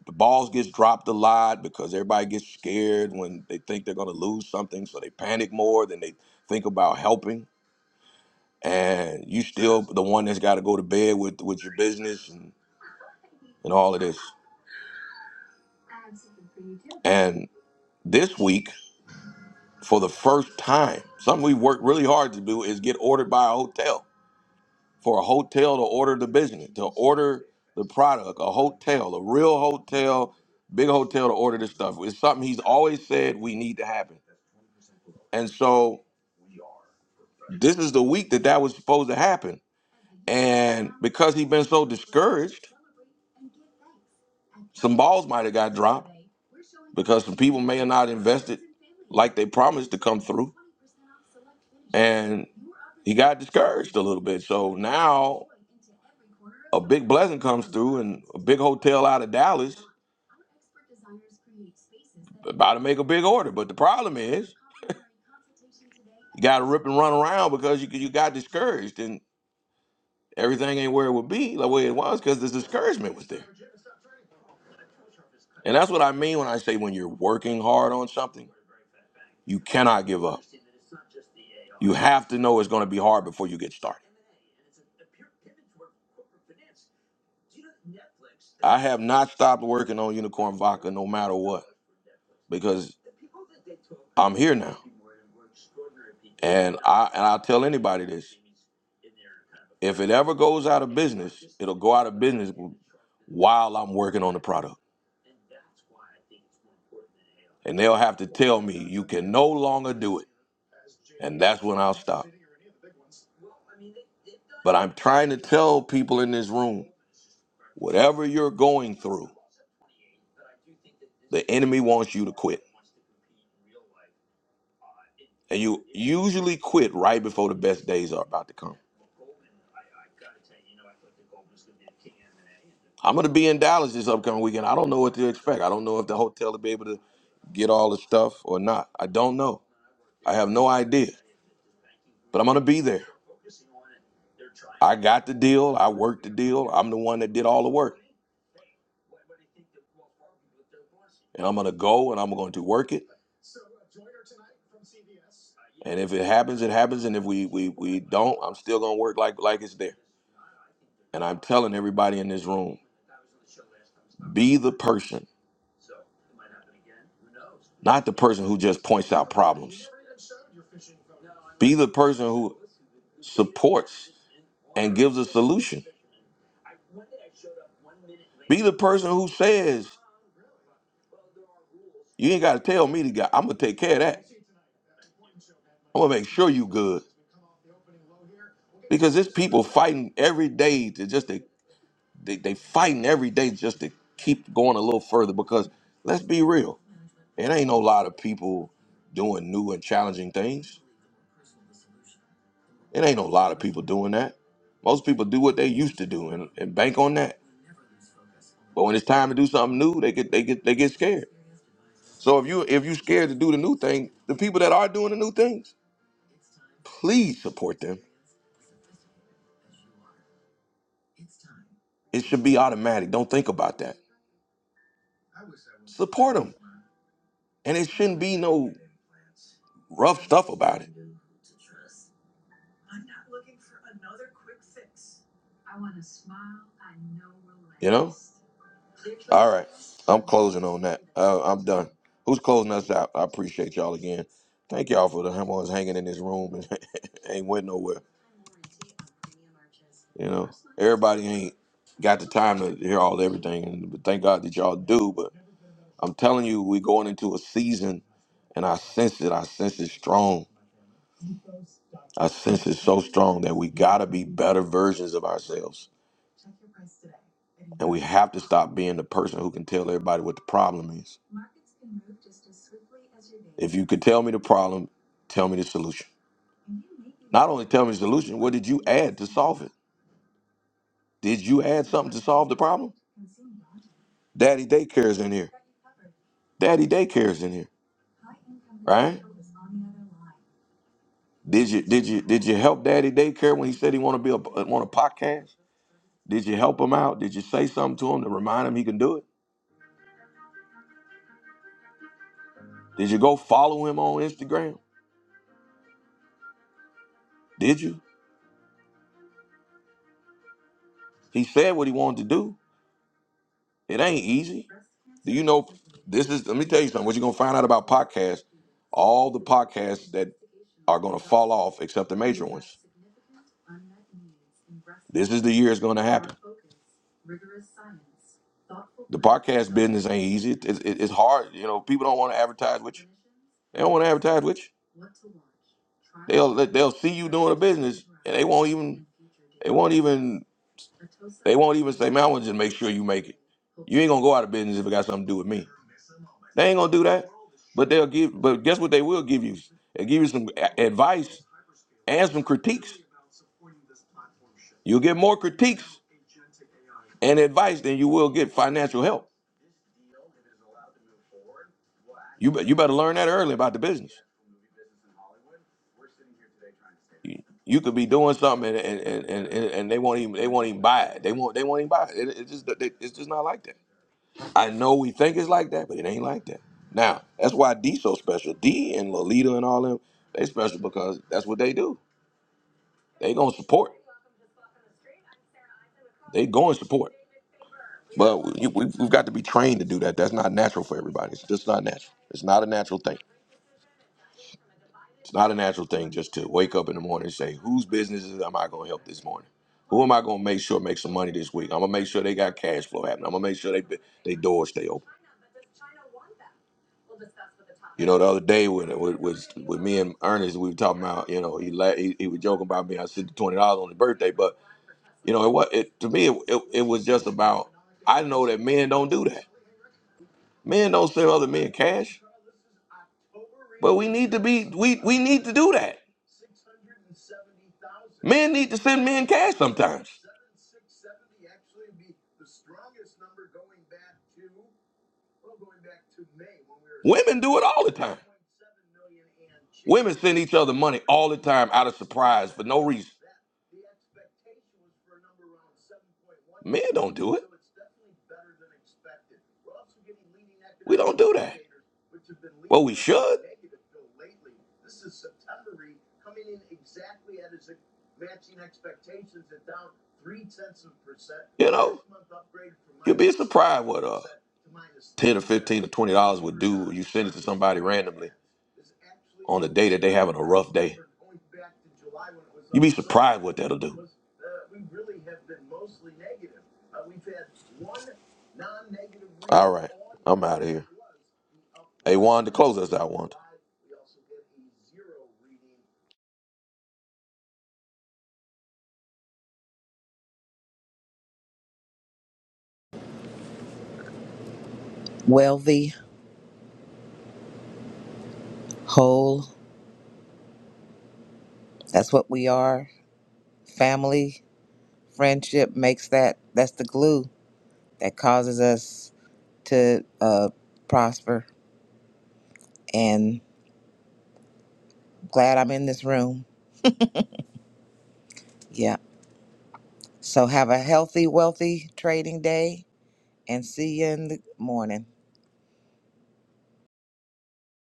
Speaker 1: the balls gets dropped a lot because everybody gets scared when they think they're going to lose something so they panic more than they think about helping and you still the one that's got to go to bed with with your business and, and all of this and this week for the first time something we worked really hard to do is get ordered by a hotel for a hotel to order the business to order the product a hotel a real hotel big hotel to order this stuff it's something he's always said we need to happen and so This is the week that that was supposed to happen. And because he's been so discouraged, some balls might have got dropped because some people may have not invested like they promised to come through. And he got discouraged a little bit. So now a big blessing comes through and a big hotel out of Dallas. About to make a big order, but the problem is you got to rip and run around because you you got discouraged and everything ain't where it would be like where it was because the discouragement was there. And that's what I mean when I say when you're working hard on something, you cannot give up. You have to know it's going to be hard before you get started. I have not stopped working on Unicorn Vodka no matter what because I'm here now. And I and I tell anybody this. If it ever goes out of business, it'll go out of business while I'm working on the product. And they'll have to tell me you can no longer do it. And that's when I'll stop. But I'm trying to tell people in this room, whatever you're going through, The enemy wants you to quit. And you usually quit right before the best days are about to come. I'm going to be in Dallas this upcoming weekend. I don't know what to expect. I don't know if the hotel will be able to get all the stuff or not. I don't know. I have no idea. But I'm going to be there. I got the deal. I worked the deal. I'm the one that did all the work. And I'm going to go and I'm going to work it. And if it happens, it happens. And if we, we, we don't, I'm still going to work like, like it's there. And I'm telling everybody in this room be the person. not the person who just points out problems. Be the person who supports and gives a solution. Be the person who says, "You ain't got to tell me to go. I'm gonna take care of that. I'm gonna make sure you good." Because there's people fighting every day to just to, they they fighting every day just to keep going a little further. Because let's be real, it ain't no lot of people doing new and challenging things. It ain't no lot of people doing that. Most people do what they used to do and, and bank on that. But when it's time to do something new, they get they get they get scared. So if you if you scared to do the new thing, the people that are doing the new things, please support them. It should be automatic. Don't think about that. Support them, and it shouldn't be no rough stuff about it. You know. All right, I'm closing on that. Uh, I'm done. Who's closing us out? I appreciate y'all again. Thank y'all for the ones hanging in this room and ain't went nowhere. You know, everybody ain't got the time to hear all everything, and but thank God that y'all do. But I'm telling you, we're going into a season, and I sense it. I sense it strong. I sense it so strong that we gotta be better versions of ourselves, and we have to stop being the person who can tell everybody what the problem is. If you could tell me the problem, tell me the solution. Not only tell me the solution, what did you add to solve it? Did you add something to solve the problem? Daddy Daycare is in here. Daddy Daycare is in here. Right? Did you did you did you help Daddy daycare when he said he want to be a, want a podcast? Did you help him out? Did you say something to him to remind him he can do it? Did you go follow him on Instagram? Did you? He said what he wanted to do. It ain't easy. Do you know this is let me tell you something. What you're gonna find out about podcasts All the podcasts that are going to fall off except the major ones. This is the year it's going to happen. The podcast business ain't easy. It- it- it's hard. You know, people don't want to advertise with you. They don't want to advertise with you. They'll they'll see you doing a business and they won't even they won't even they won't even say, man, I want to just make sure you make it. You ain't gonna go out of business if it got something to do with me. They ain't gonna do that. But they'll give. But guess what? They will give you. They give you some a- advice and some critiques. You'll get more critiques and advice than you will get financial help. You bet. you better learn that early about the business. You, you could be doing something and and, and, and and they won't even they won't even buy it. They won't they won't even buy it. It- It's just they- it's just not like that. I know we think it's like that, but it ain't like that. Now that's why D so special. D and Lolita and all them they special because that's what they do. They gonna support. They going to support. But you, we, we've got to be trained to do that. That's not natural for everybody. It's just not natural. It's not a natural thing. It's not a natural thing just to wake up in the morning and say, whose businesses am I going to help this morning? Who am I going to make sure make some money this week? I'm going to make sure they got cash flow happening. I'm going to make sure they they doors stay open. You know, the other day when with, with, with me and Ernest, we were talking about, you know, he, la- he he was joking about me. I sent the twenty dollars on his birthday, but you know, it was it to me. It, it, it was just about. I know that men don't do that. Men don't send other men cash. But we need to be we we need to do that. Men need to send men cash sometimes. Women do it all the time. Women send each other money all the time out of surprise for no reason. twenty on the day that they having a rough day. You'd be surprised what that'll do. All right, I'm out of here. Hey, Juan, to close us out, Juan.
Speaker 7: Wealthy, whole. That's what we are. Family, friendship makes that. That's the glue that causes us to uh, prosper. And glad I'm in this room. Yeah. So have a healthy, wealthy trading day, and see you in the morning.